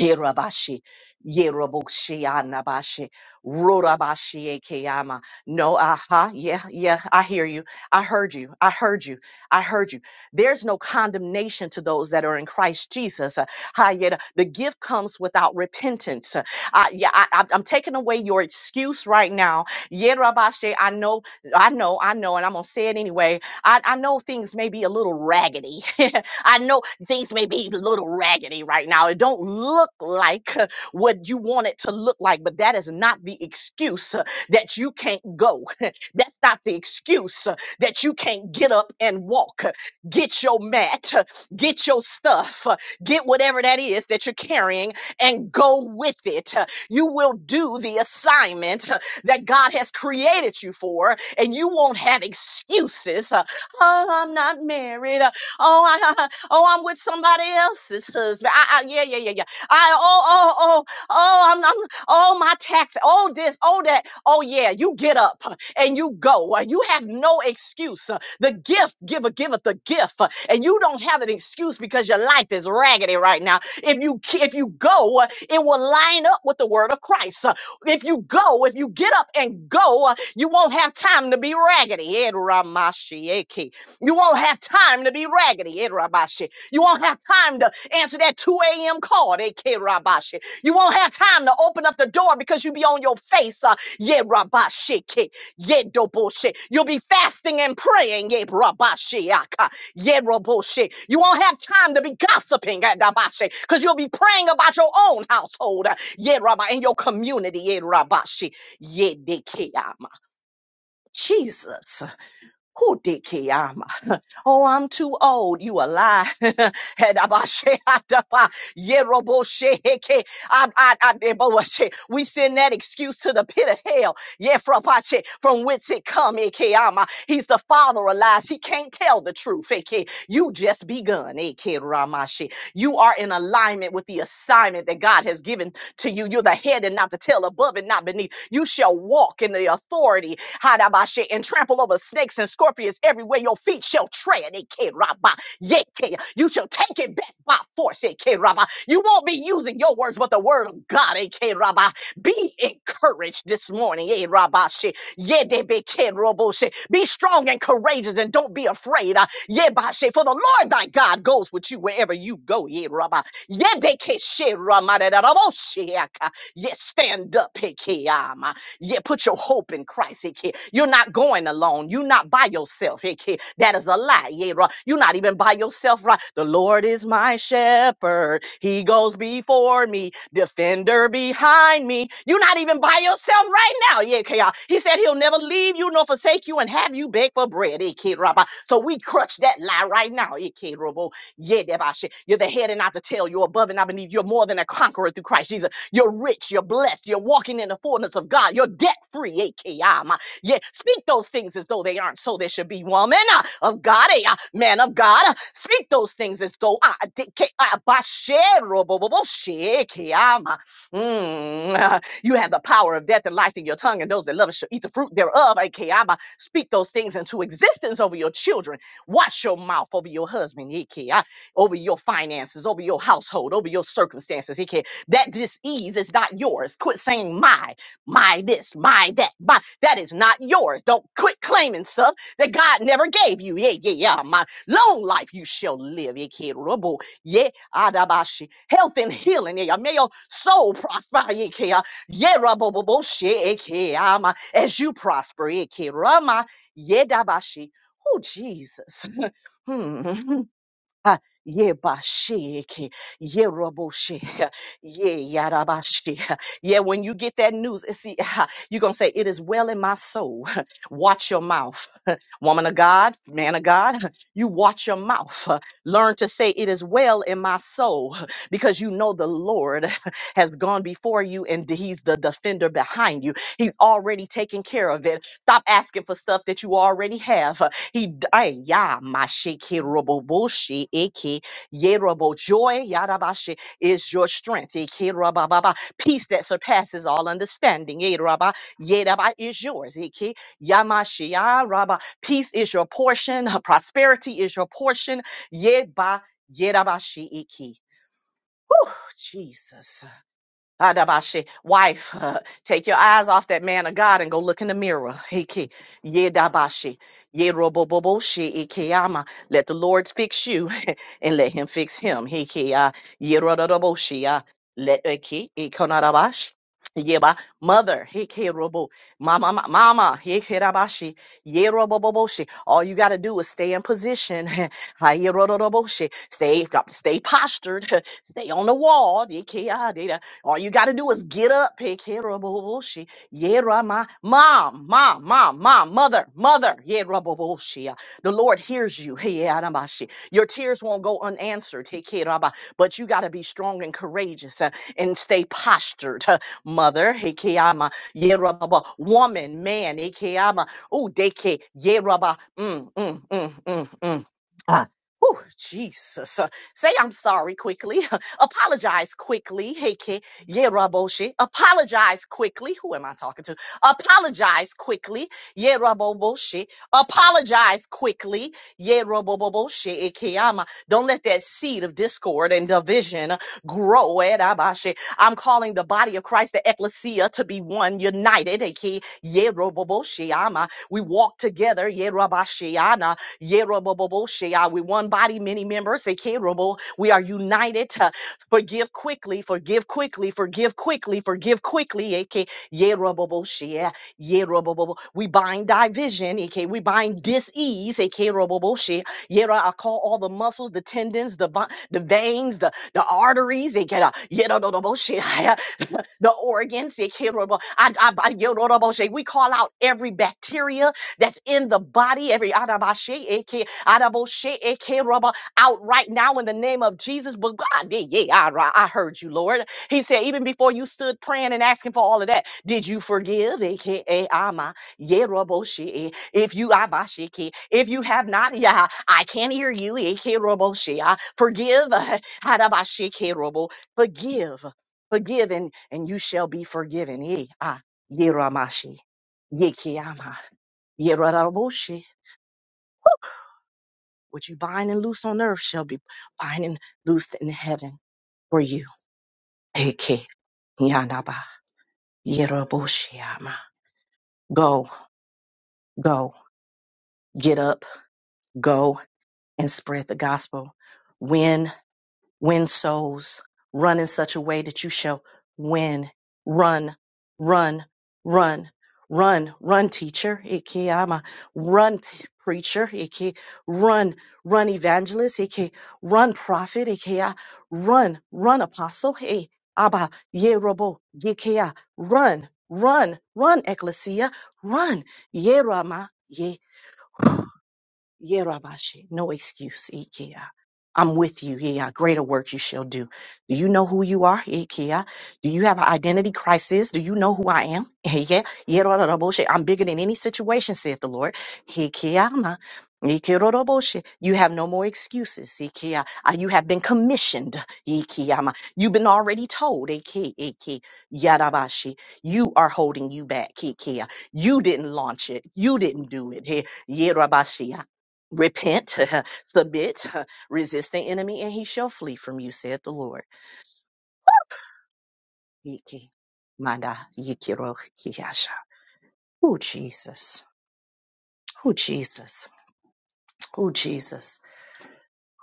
Yerabashi, Yeroboshi, Anabashi, Rorabashi, Ekeyama. No, aha, yeah, yeah, I hear you. I heard you. I heard you. I heard you. There's no condemnation to those that are in Christ Jesus. Uh, ha, yet, uh, The gift comes without repentance. Uh, I, yeah, I, I'm I'm taking away your excuse right now. Yerabashi, I know, I know, I know, and I'm going to say it anyway. I, I know things may be a little raggedy. I know things may be a little raggedy right now. It don't look like uh, what you want it to look like, but that is not the excuse uh, that you can't go. That's not the excuse uh, that you can't get up and walk. uh, Get your mat, uh, get your stuff, uh, get whatever that is that you're carrying and go with it. Uh, You will do the assignment uh, that God has created you for, and you won't have excuses. uh, Oh, I'm not married. uh, Oh, I, Oh, I'm with somebody else's husband. I, I yeah, yeah, yeah, yeah. I oh, oh, oh, oh, I'm, I'm oh my tax, oh this, oh that. Oh yeah, you get up uh, and you go. uh, You have no excuse. uh, The gift giver giveth the gift, uh, and you don't have an excuse because your life is raggedy right now. If you ke- if you go, uh, it will line up with the word of Christ. Uh, If you go, if you get up and go, uh, you won't have time to be raggedy. Ed Ramashi you won't have time to be raggedy, eh, Rabashi. You won't have time to answer that 2 a.m. call, eh, K Rabashi. You won't have time to open up the door because you be on your face, uh, yeah, Rabashi, K, yeah, Doboshi. You'll be fasting and praying, yeah, Rabashi, Aka, yeah, Raboshi. You won't have time to be gossiping, eh, Dabashi, because you'll be praying about your own household, uh, yeah, Rabba, and your community, yeah, Rabashi, yeah, Dekeyama. Jesus. Who did i Oh, I'm too old. You a lie. Hedabashe, hadaba, yeroboshe, heke, ad- ad- ad- deboshe. we send that excuse to the pit of hell. Yefrapache, From whence it come. eke, ama. He's the father of lies. He can't tell the truth. hey, hey. You just begun. AK Ramashi. You are in alignment with the assignment that God has given to you. You're the head and not the tail, above and not beneath. You shall walk in the authority, Hadabashi, and trample over snakes and scorpions everywhere your feet shall tread. AK Rabba. Yeke. You shall take it back by force. AK Rabba. You won't be using your words, but the word of God. AK Rabba. Be encouraged this morning. AK Rabba. Yedebeke roboshe. Be strong and courageous and don't be afraid. Uh, Yebashe. For the Lord thy God goes with you wherever you go. Yeraba. Yedekeshe ramadadabosheaka. Yes, stand up. Hekeama. Yeah, put your hope in Christ. eh, kid. You're not going alone. You're not by yourself. eh, kid. That is a lie. Yeah, right. You're not even by yourself, right? The Lord is my shepherd. He goes before me, defender behind me. You're not even by yourself right now. Yeah, okay, y'all. He said he'll never leave you nor forsake you and have you beg for bread. eh, kid, rabba. So we crutch that lie right now. eh, kid, robo. Yeah, that about shit. You're the head and not the tail. You're above and I believe you're more than a conqueror through Christ Jesus. You're rich. You're blessed. You're walking in the fullness of God. You're debt free. AKM. Yeah, speak those things as though they aren't so. There should be woman uh, of God, eh, uh, man of God. uh, Speak those things as though I did. ca- I- bashero bo- bo- bo- sheke, um, uh, mm, uh, You have the power of death and life in your tongue, and those that love it shall eat the fruit thereof. AKM. uh, Speak those things into existence over your children. Watch your mouth over your husband, AKM, over your finances, over your household, over your circumstances. That disease is not yours. Quit saying my, my this, my that, my that is not yours. Don't quit claiming stuff that God never gave you. Yeah, yeah, yeah. My long life you shall live. Yeah, kid, rubble. Yeah, adabashi. Health and healing. Yeah, may your soul prosper. Yeah, kid. uh, yeah, rubble, rubble, shit. Yeah, kid, ama. as you prosper. Yeah, kid, rama. Yeah, dabashi. Oh, Jesus. hmm. Ha, ye bashiki, ye roboshi, ye yarabashi. Yeah, when you get that news, eh, see, ha, you're gonna say, It is well in my soul. Watch your mouth. Woman of God, man of God, you watch your mouth. Learn to say, It is well in my soul, because you know the Lord has gone before you and He's the defender behind you. He's already taken care of it. Stop asking for stuff that you already have. He d- ay, ya mashiki roboboshi eki yerobo joy yarabashi is your strength. Eki rabababa peace that surpasses all understanding. Yeraba yeraba is yours. Eki yamashi yaraba peace is your portion. Prosperity is your portion. Yeba yerabashi eki. Jesus. Adabashe, wife, take your eyes off that man of God and go look in the mirror. Hiki, yedabashi, yeroboboboshi, ikiyama. Let the Lord fix you and let him fix him. Hiki, uh, yerododoboshi, uh, let iki, ikonadabash. Yeba, mother, hiki robo, mama, ma- mama, hiki yeroboboboshi. All you got to do is stay in position. Ha, yerododoboshi. Stay, stay postured. Stay on the wall. All you got to do is get up. Pick Heraboshi. Yerama. Mom, mom, mom, mom, mother, mother. Yeraboshi. The Lord hears you. Hey, Adamashi. Your tears won't go unanswered. Hey, Keraba. But you got to be strong and courageous uh, and stay postured. uh, Mother. Hey, Keama. Yeraba. Woman, man. Hey, Keama. Ooh, deke. Yeraba. Mm, mm, mm, mm, mm. Ah. Ooh, Jesus. Uh, say I'm sorry quickly. Apologize quickly. Yeraboshi. Apologize quickly. Who am I talking to? Apologize quickly. Yeraboboshi. Apologize quickly. Yeraboboshi. Ikeyama. Don't let that seed of discord and division grow. Erabashi. I'm calling the body of Christ, the ecclesia, to be one, united. Eke- Yeroboboshi. Ama. We walk together. Yerabashiana. Yeroboboboshi. Ah, We one body, many members. Eke- Robo. We are united. Forgive quickly, forgive quickly, forgive quickly, forgive quickly. AK Yerobobo Shea. Yerobobo. We bind division, AK. We bind dis-ease, AK Robobo Shea. Yera, I call all the muscles, the tendons, the vi- the veins, the, the arteries, AK Yerobobo Shea. the organs. they can I- I- I- yo, no, no, We call out every bacteria that's in the body, every Adabashe, Aka adaboshe. Aka out right now in the name of Jesus. But God, yeah, yeah, I, ri- I heard you, Lord. He said, even before you stood praying and asking for all of that, did you forgive? AKA, ama, yeah, robo, she, eh, If you, ama, she, ki, if you have not, yeah, I can't hear you. AKA, robo, shi, ah, Forgive, uh, hadaba, she, ki robo, forgive, forgive, and, and you shall be forgiven. Eh, ah, yeah, ramashi, yeah, ke, ama, yeah, robo, shi. What you bind and loose on earth shall be bind and loosed in heaven for you. Eke Yanaba Yeroboshiama. Go, go, get up, go and spread the gospel. Win win souls, run in such a way that you shall win. Run, run, run, run, run, teacher. Iki ama. Run, p- preacher. Iki run, run, evangelist. Iki run, prophet. Iki ah, run, run, apostle. Hey, abba, ye robo, iki ah, run, run, run, ecclesia, run, ye rama, ye. Yerabashi, no excuse, Ikea. I'm with you, yeah. Greater work you shall do. Do you know who you are, Ikea? Do you have an identity crisis? Do you know who I am? Yeah, Yeroroboshe. I'm bigger than any situation, saith the Lord. Ikeama, Ikeroroboshe. You have no more excuses, Ikea. Uh, You have been commissioned, Ikeama. You've been already told, Ike, Ike, Yarabashi. You are holding you back, Ikea. You didn't launch it. You didn't do it. Hey, repent, submit, resist the enemy, and he shall flee from you, saith the Lord. Yiki, manda, yikiro, kiyasha. Oh, Jesus. Oh, Jesus. Oh, Jesus.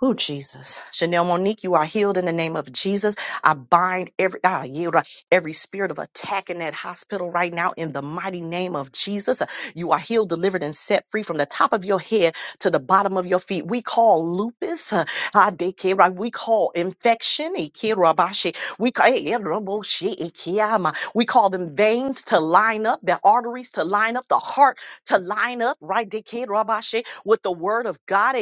Oh, Jesus. Chanel Monique, you are healed in the name of Jesus. I bind every I yield uh, every spirit of attack in that hospital right now in the mighty name of Jesus. Uh, You are healed, delivered, and set free from the top of your head to the bottom of your feet. We call lupus. uh, ah, de que ra- We call infection. e que ra ba she. We ca- eh, eh, ra bo she, e que ama. We call them veins to line up, the arteries to line up, the heart to line up, right? de que ra ba she, With the word of God.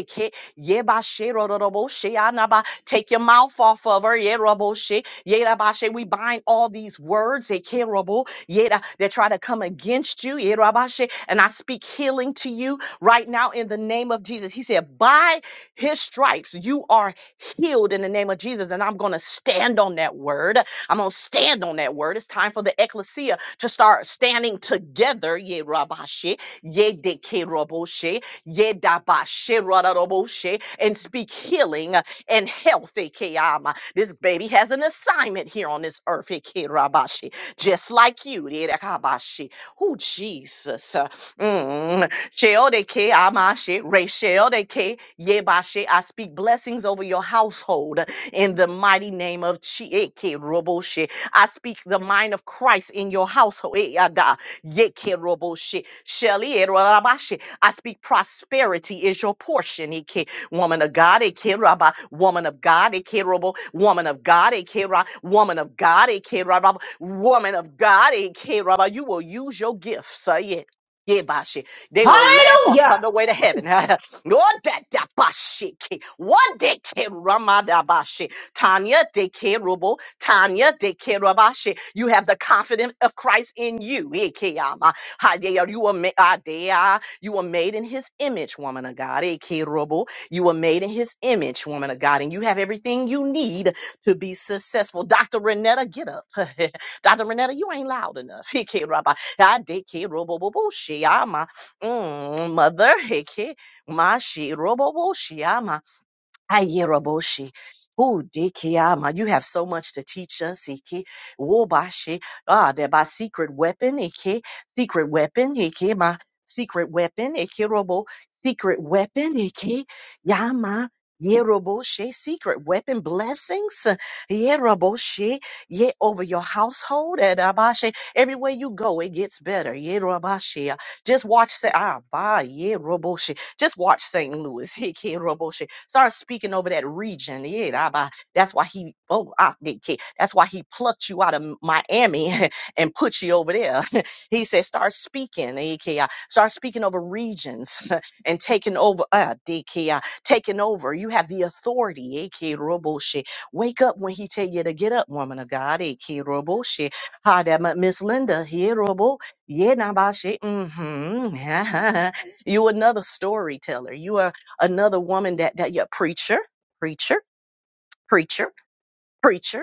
Yebashe rororoboshe anaba. Take your mouth off of her. Yeroboshe. Yerabashe. We bind all these words ekerobo, yera, that try to come against you. Yerabashe. And I speak healing to you right now in the name of Jesus. He said, By his stripes, you are healed in the name of Jesus. And I'm going to stand on that word. I'm going to stand on that word. It's time for the ecclesia to start standing together. Ye Yerabashe. Yedekeroboshe. Yedabasheraraboshe, and speak healing uh, and health. Ekeyama. This baby has an assignment here on this earth, Ekerabashi, just like you. Derekabashi. Oh, Jesus. uh, Mm. Sheodeke amashe, resheodeke yebashe. I speak blessings over your household in the mighty name of Chieke Roboshe. I speak the mind of Christ in your household. Eh, yada, Yeke Roboshe. Sheli I speak prosperity is your portion. Ike. Woman of God, Ike Rabba. Woman of God, Ike Robo. Woman of God, Ike Ra. Woman of God, Ike Rabba. Woman of God, Ike Rabba. You will use your gifts. Uh, yeah. Yeah, Bashi. They will laugh on Hallelujah. the way to heaven. Lord, that that Bashi. Ike. One day, Ike Ramada Bashi. Tanya de Kerubo, Tanya de Kerabashe. You have the confidence of Christ in you. Ikeyama. Hadeya, You are you were made in his image, woman of God. Eh, You were made in his image, woman of God, and you have everything you need to be successful. Dr. Renetta, get up. Dr. Renetta, you ain't loud enough. Eh, Kerubba. Ah, she, ah, my, mm, Mother, eh, Ke- my she, Ayeroboshi. Ooh, Dikiyama, you have so much to teach us. Iki, Wobashi, ah, that by secret weapon, Iki, secret weapon, Iki, my secret weapon, Ikirobo, secret weapon, Iki, Yama, Yeroboshi, secret weapon blessings, Yeroboshi, ye over your household, and Abashi, everywhere you go, it gets better, Yerobashi. Just watch the, ah, ba, Yeroboshi. Just watch St. Louis. He can't Roboshe. Start speaking over that region. Yeah, da ba. that's why he oh ah, they ca- that's why he plucked you out of Miami and put you over there. he said, start speaking, AKI. Start speaking over regions and taking over uh DKI, taking over. You have the authority, AK Roboshe. Wake up when he tell you to get up, woman of God, AK Roboshe. Hi that Miss Linda here, Robo. Yeah, Nabashe. Mm-hmm. You another storyteller. You are another woman that that you're preacher, preacher, preacher, preacher.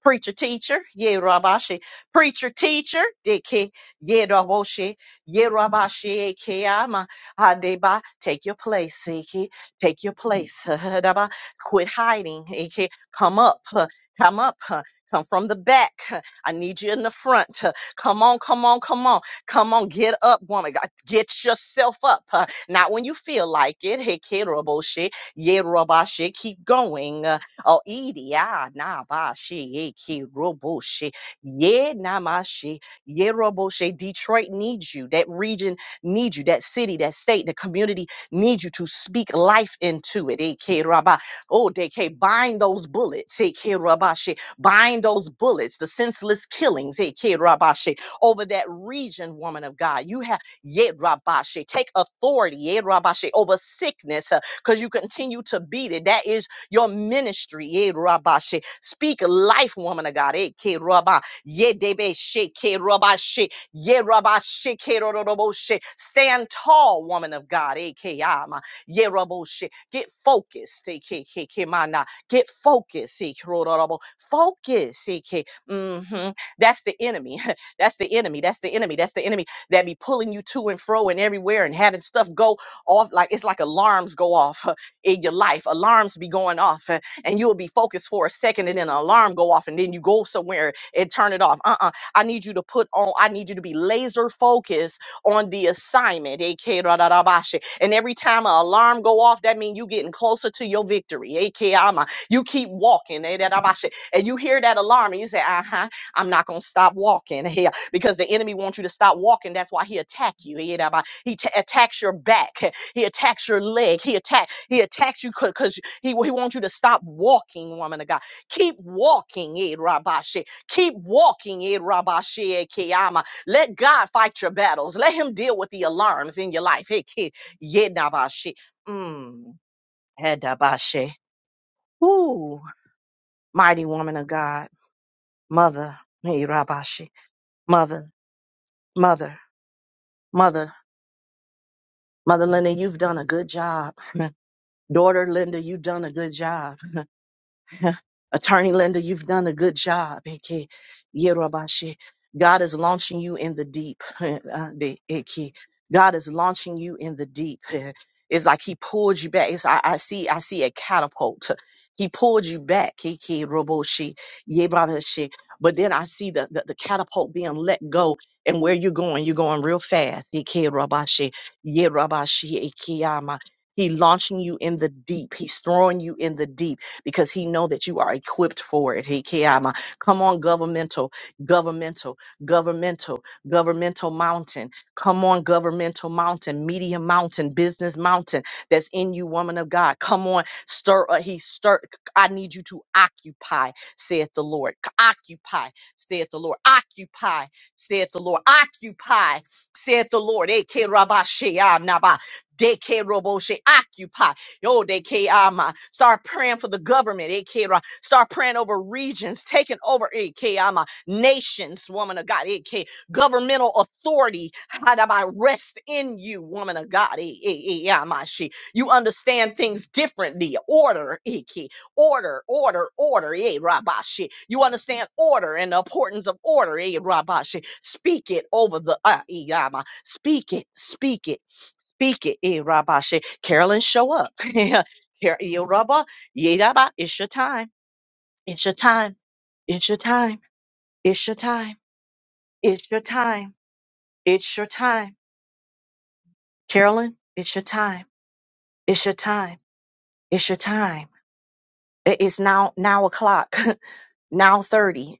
Preacher teacher, ye rabashi. Preacher teacher, deke, ye raboshi, Ye rabashi, ekeyama, adeba. Take your place, eke. Take your place, daba. Quit hiding, eke. Come up, huh, come up, huh, come from the back. huh. I need you in the front. huh. Come on, come on, come on, come on. Get up, woman. God, Get yourself up. huh. Not when you feel like it, eke raboshi, Ye rabashi. Keep going. Oh, idi ah na ba she ye ki robo she ye na ma she ye robo she. Detroit needs you. That region needs you. That city, that state, the community needs you to speak life into it. Eh, ki raba. Oh, they can bind those bullets. Eh, ki raba she. Bind those bullets. The senseless killings. Eh, ki raba she. Over that region, woman of God, you have ye raba she. Take authority. Ye raba she over sickness because you continue to beat it. That is your ministry. Ye rabba she. Speak life, woman of God. Eh, ke rabba. Ye debe she, ke rabba she. Ye rabba she, ke ro she. Stand tall, woman of God. Eh, ke ama. Ye rabbo she. Get focused. Eh, ke ke ke mana. Get focused. Eh, ro Focus. Eh, ke. Mhm. That's the enemy. That's the enemy. That's the enemy. That's the enemy that be pulling you to and fro and everywhere and having stuff go off like it's like alarms go off in your life. Alarms be going off uh, and you'll be focused for a second and then an alarm go off and then you go somewhere and turn it off. Uh-uh. I need you to put on, I need you to be laser focused on the assignment. AK Radarabashi. And every time an alarm go off, that means you getting closer to your victory. AK Ama. You keep walking. eh, Radabashi. And you hear that alarm and you say, uh-huh, I'm not gonna stop walking here because the enemy wants you to stop walking. That's why he attack you. He he ta- attacks your back. He attacks your leg. He attack. He attacks you because he, he wants you to stop walking, woman of God. Keep walking, Ed Rabashe. Keep walking, Ed Rabashe Kiyama. Let God fight your battles. Let him deal with the alarms in your life. Hey, kid, Yedabashe. Mm. Hedabashe. Ooh, mighty woman of God, mother, hey Rabashi, mother, mother, mother, mother Linda, you've done a good job. Daughter Linda, you've done a good job. Attorney Linda, you've done a good job. Eke, Yerobashi. God is launching you in the deep. Uh, the- Eke. God is launching you in the deep. Eh, It's like He pulled you back. It's, I, I see. I see a catapult. He pulled you back. Eke, Roboshi, Yebabashi. But then I see the, the, the catapult being let go. And where you're going, you're going real fast. Eke, Robashi, Yerobashi, Eke, Yama. He launching you in the deep. He's throwing you in the deep because he know that you are equipped for it. He kiama. Come on, governmental, governmental, governmental, governmental mountain. Come on, governmental mountain, media mountain, business mountain that's in you, woman of God. Come on, stir. Uh, he stir. I need you to occupy, saith the Lord. Occupy, saith the Lord. Occupy, saith the Lord. Occupy, saith the Lord. Eke rabashea naba. Deke roboshe. Occupy. Yo, de ke ama. Start praying for the government. eh, ke ra. Start praying over regions, taking over eh, ke ama. nations, woman of God. eh, ke. Governmental authority. Hadaba, Rest in you, woman of God. eh, eh, eh, ama, she. You understand things differently. Order. eh, ke. Order, order, order. eh, rabashi. You understand order and the importance of order. eh, rabashi. Speak it over the. ah, eh, ama. Speak it. Speak it Speak it, eh, Rabba she- Carolyn, show up. Yeah, Car- eh, Rabba, Yedaba, it's your time. It's your time. It's your time. It's your time. It's your time. It's your time. Carolyn, it's your time. It's your time. It's your time. It is now now o'clock. now 30.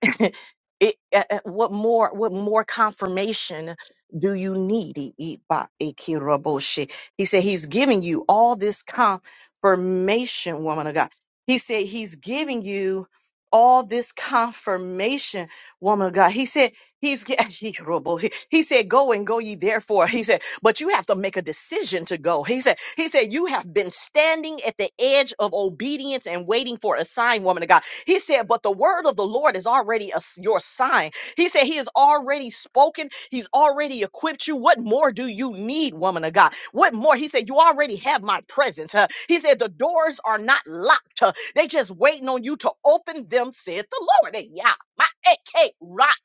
it, uh, uh, what more what more confirmation do you need I- I- ba- ikiraboshi. he said he's giving you all this confirmation woman of god he said he's giving you all this confirmation woman of god he said he's ge- ikiraboshi. he he said go and go ye therefore he said but you have to make a decision to go he said he said you have been standing at the edge of obedience and waiting for a sign woman of god he said, But the word of the Lord is already a s- your sign. He said, He has already spoken. He's already equipped you. What more do you need, woman of God? What more? He said, You already have my presence. huh? He said, The doors are not locked. huh? They just waiting on you to open them, said the Lord. And yeah, my AK rock.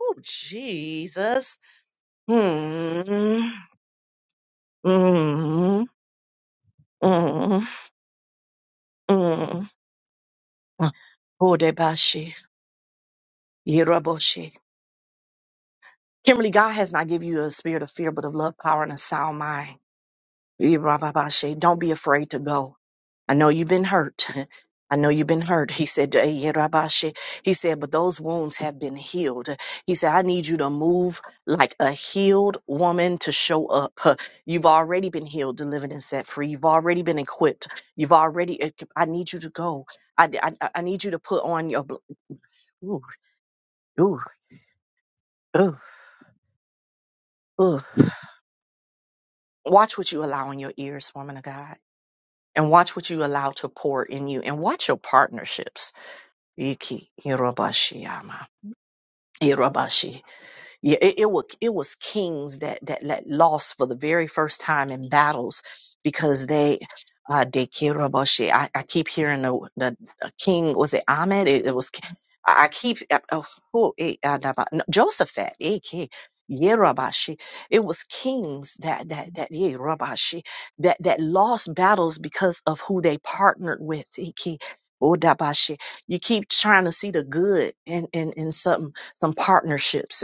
Oh, Jesus. Mm, mm, mm, mm. Odebashi, Yiraboshi. Kimberly, God has not given you a spirit of fear, but of love, power, and a sound mind. Eh, rah, bah, bah, shay. Don't be afraid to go. I know you've been hurt. I know you've been hurt. He said, eh, yeah, rah, bah, shay. He said, but those wounds have been healed. He said, I need you to move like a healed woman to show up. You've already been healed, delivered, and set free. You've already been equipped. You've already, I need you to go. I, I, I need you to put on your, bl- ooh, ooh, ooh, ooh. watch what you allow in your ears, woman of God. and watch what you allow to pour in you and watch your partnerships. Iki, Irobashiyama, Irobashi. Yeah, it, it was it was kings that that that lost for the very first time in battles because they uh they Kiraboshe. I, I keep hearing the the uh, king was it Ahmed? It, it was ki- I I keep uh, oh, who, eh, uh, da- ba- no, Josaphat. eh, ki- Yerabashi. It was kings that that that Yerabashi that that lost battles because of who they partnered with. eh, ki- Odabashi. You keep trying to see the good in in, in something some partnerships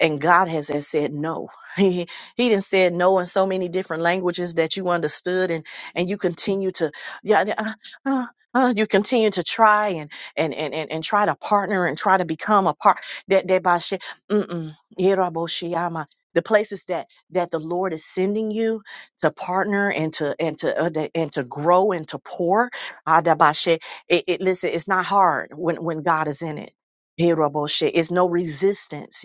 and God has, has said no. He he didn't said no in so many different languages that you understood and and you continue to yeah yeah, uh, uh, uh, you continue to try and and and and, and try to partner and try to become a part that that by shi- mm-mm, Yeraboshiyama. the places that that the Lord is sending you to partner and to and to uh, the- and to grow and to pour Adabashe, it, it listen it's not hard when when God is in it Hiraboshe. It's no resistance.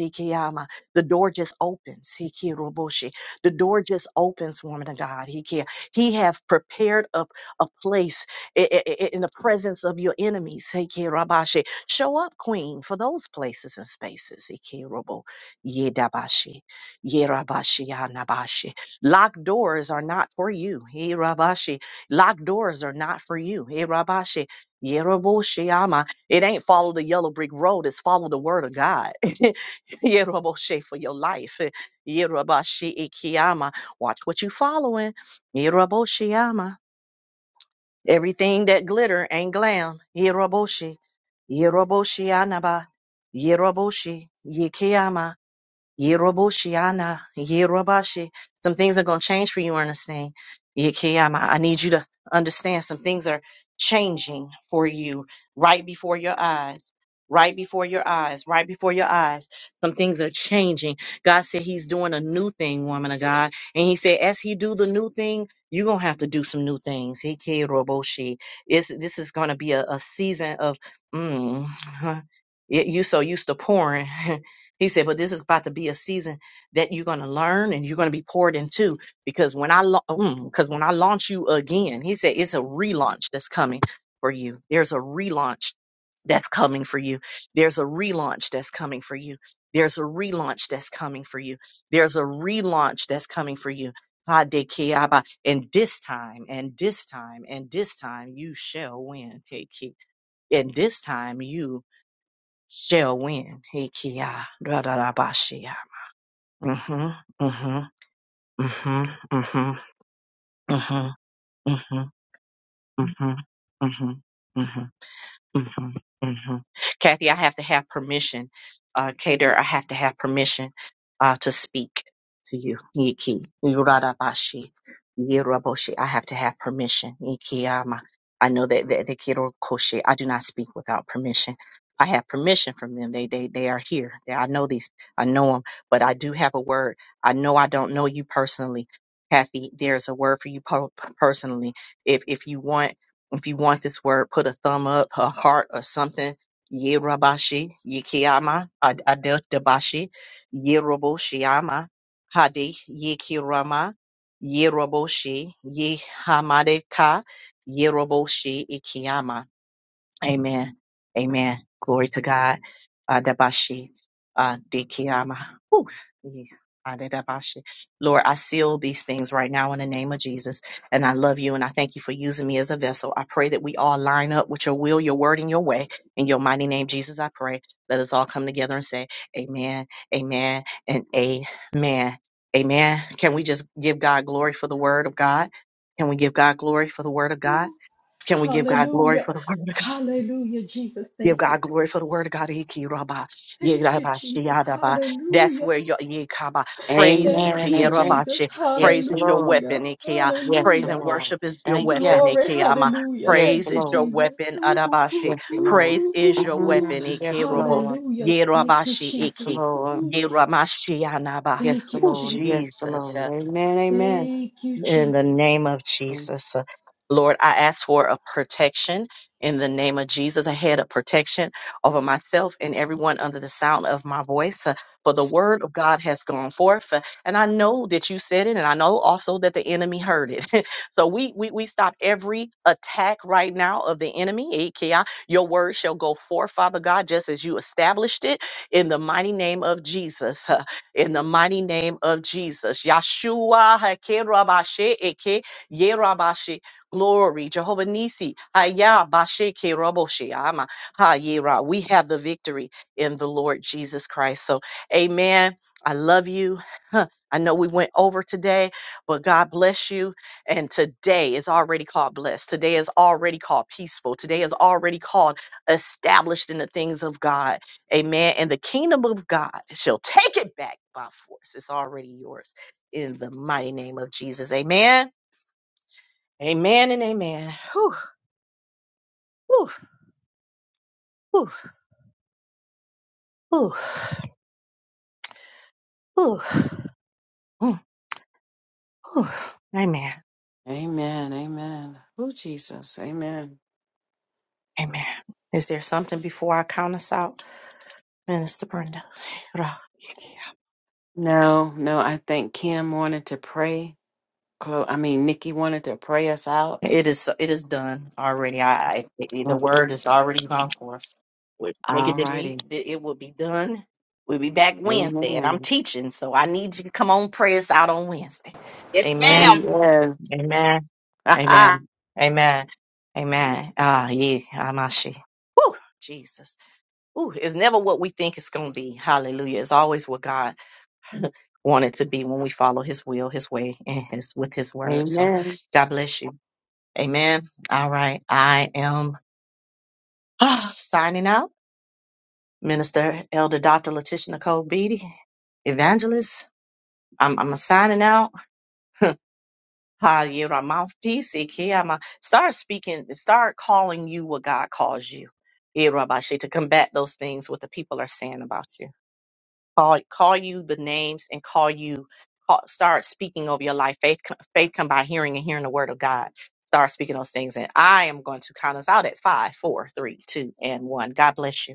The door just opens. He killed Roboshi. The door just opens, woman of God. He can He have prepared up a place i- i- i- in the presence of your enemies. He killed Rabashi. Show up, Queen, for those places and spaces. He killed Robo. Yedabashi. Yerabashi. Yanabashi. Locked doors are not for you. He Rabashi. Locked doors are not for you. He Rabashi. Yeroboshi. Yama. It ain't follow the yellow brick road. It's follow the word of God. Yeroboshe for your life. Yerobashe ikiyama. Watch what you following. Yeroboshiyama. Everything that glitter ain't glam. Yeroboshi. Yeroboshiyanaba. Yeroboshi. Yeroboshiana, Yerobashi. Some things are going to change for you, Ernestine. Yekiyama, I need you to understand some things are changing for you right before your eyes. Right before your eyes, right before your eyes, some things are changing. God said He's doing a new thing, woman of God, and He said, as He do the new thing, you're gonna have to do some new things. Yekiroboshi. It's, this is gonna be a, a season of, mm, you you so used to pouring. He said, but this is about to be a season that you're going to learn and you're going to be poured into because when I because when I launch you again, he said it's a relaunch that's coming for you. There's a relaunch that's coming for you. There's a relaunch that's coming for you. There's a relaunch that's coming for you. There's a relaunch that's coming for you. Hadekiaba. And this time, and this time, and this time, you shall win. Kiki. And this time, you shall win. Hikiya, radarabashiya. Mhm, mhm, mhm, mhm, mhm, mhm, mhm, mhm, mhm, hmm hmm Kathy, I have to have permission. Uh, Kader, I have to have permission uh, to speak to you. Yiki, yuradabashi, yiraboshi. I have to have permission. Yikiyama. I know that that the kiddo koshi. I do not speak without permission. I have permission from them. They they they are here. Yeah, I know these. I know them. But I do have a word. I know I don't know you personally, Kathy. There's a word for you po- personally. If if you want if you want this word, put a thumb up, a heart, or something. Yirabashi, Yikiyama, Ad- Adeltabashi, Yiroboshiama, Hadi, Yikirama, Yiroboshi, Yihamadeka, Yiroboshi, Ikiyama. Amen. Amen. Glory to God. Adabashi. Uh, Dikiyama. Whew. Yeah. Adabashi. Lord, I seal these things right now in the name of Jesus. And I love you and I thank you for using me as a vessel. I pray that we all line up with your will, your word, and your way. In your mighty name, Jesus, I pray. Let us all come together and say, Amen, Amen, and Amen. Amen. Can we just give God glory for the word of God? Can we give God glory for the word of God? Can we give God glory Hallelujah. for the word of God? Hallelujah, Jesus. Give Thank you. God glory for the word of God. Iki raba, ye Thank you, raba, shi Jesus. yada ba. That's Hallelujah. where your ye kaba. praise. Thank Amen. ye you, Amen. raba, Jesus. shi. Praise Yes, is your Lord. Hallelujah. weapon. Iki Ya. Yes, Praise Hallelujah. and Lord. worship is your Thank weapon. you. Glory. Iki Ya ma. Hallelujah. Thank Yes, Praise you, is Lord. your Jesus. weapon. Ooh, ooh, ooh, Adabashi. Yes, ooh, Lord. Praise ooh, is ooh. your ooh. weapon. Mm, Ike yes, robo. Lord. Hallelujah. Ye Thank raba, you, shi, Yes, Jesus. Iki. Lord. Ooh. Ye rama, shi, anaba. Thank Yes, you, Oh, Lord. Yes, Jesus. Jesus. Lord. eh? Amen. Amen. Thank you, In the Jesus. name of Jesus, uh, Lord, I ask for a protection in the name of Jesus, a head of protection over myself and everyone under the sound of my voice. uh, For the word of God has gone forth. uh, And I know that you said it, and I know also that the enemy heard it. so we, we we stop every attack right now of the enemy. Ikea, Your word shall go forth, Father God, just as you established it in the mighty name of Jesus. in the mighty name of Jesus. Yeshua Hakerabashe Eke Yerabashe. Glory. Jehovah Nisi. Haya Bashe Keraboshe Ama Hayera. We have the victory in the Lord Jesus Christ. So amen. I love you. Huh. I know we went over today, but God bless you. And today is already called blessed. Today is already called peaceful. Today is already called established in the things of God. Amen. And the kingdom of God shall take it back by force. It's already yours in the mighty name of Jesus. Amen. Amen and amen. Whew, whew, whew, whew, whew. Mm, whew. Amen. Amen. Amen. Oh, Jesus. Amen. Amen. Is there something before I count us out, Minister Brenda? No, no. I think Kim wanted to pray. Clo- I mean, Nikki wanted to pray us out. It is. It is done already. I. I the Okay. word is already gone forth. with Nigga All Denise. righty. that It will be done. We'll be back Wednesday, and I'm Amen. teaching, so I need you to come on, pray us out on Wednesday. Yes, ma'am. Amen. Amen. Amen. Amen. Amen. Amen. Ah, yeah, Amashi. Woo, Jesus. Ooh, it's never what we think it's going to be. Hallelujah. It's always what God wanted to be when we follow His will, His way, and His with His word. So, Amen. God bless you. Amen. All right, I am ah, signing out. Minister Elder Dr. Letitia Nicole Beatty, evangelist. I'm, I'm signing out. Hi, you my mouthpiece. Iki, I'm a, start speaking, start calling you what God calls you. Irabashi, to combat those things what the people are saying about you. Call, call you the names and call you, call, start speaking over your life. Faith, co- faith come by hearing and hearing the word of God. Start speaking those things. And I am going to count us out at five, four, three, two, and one. God bless you.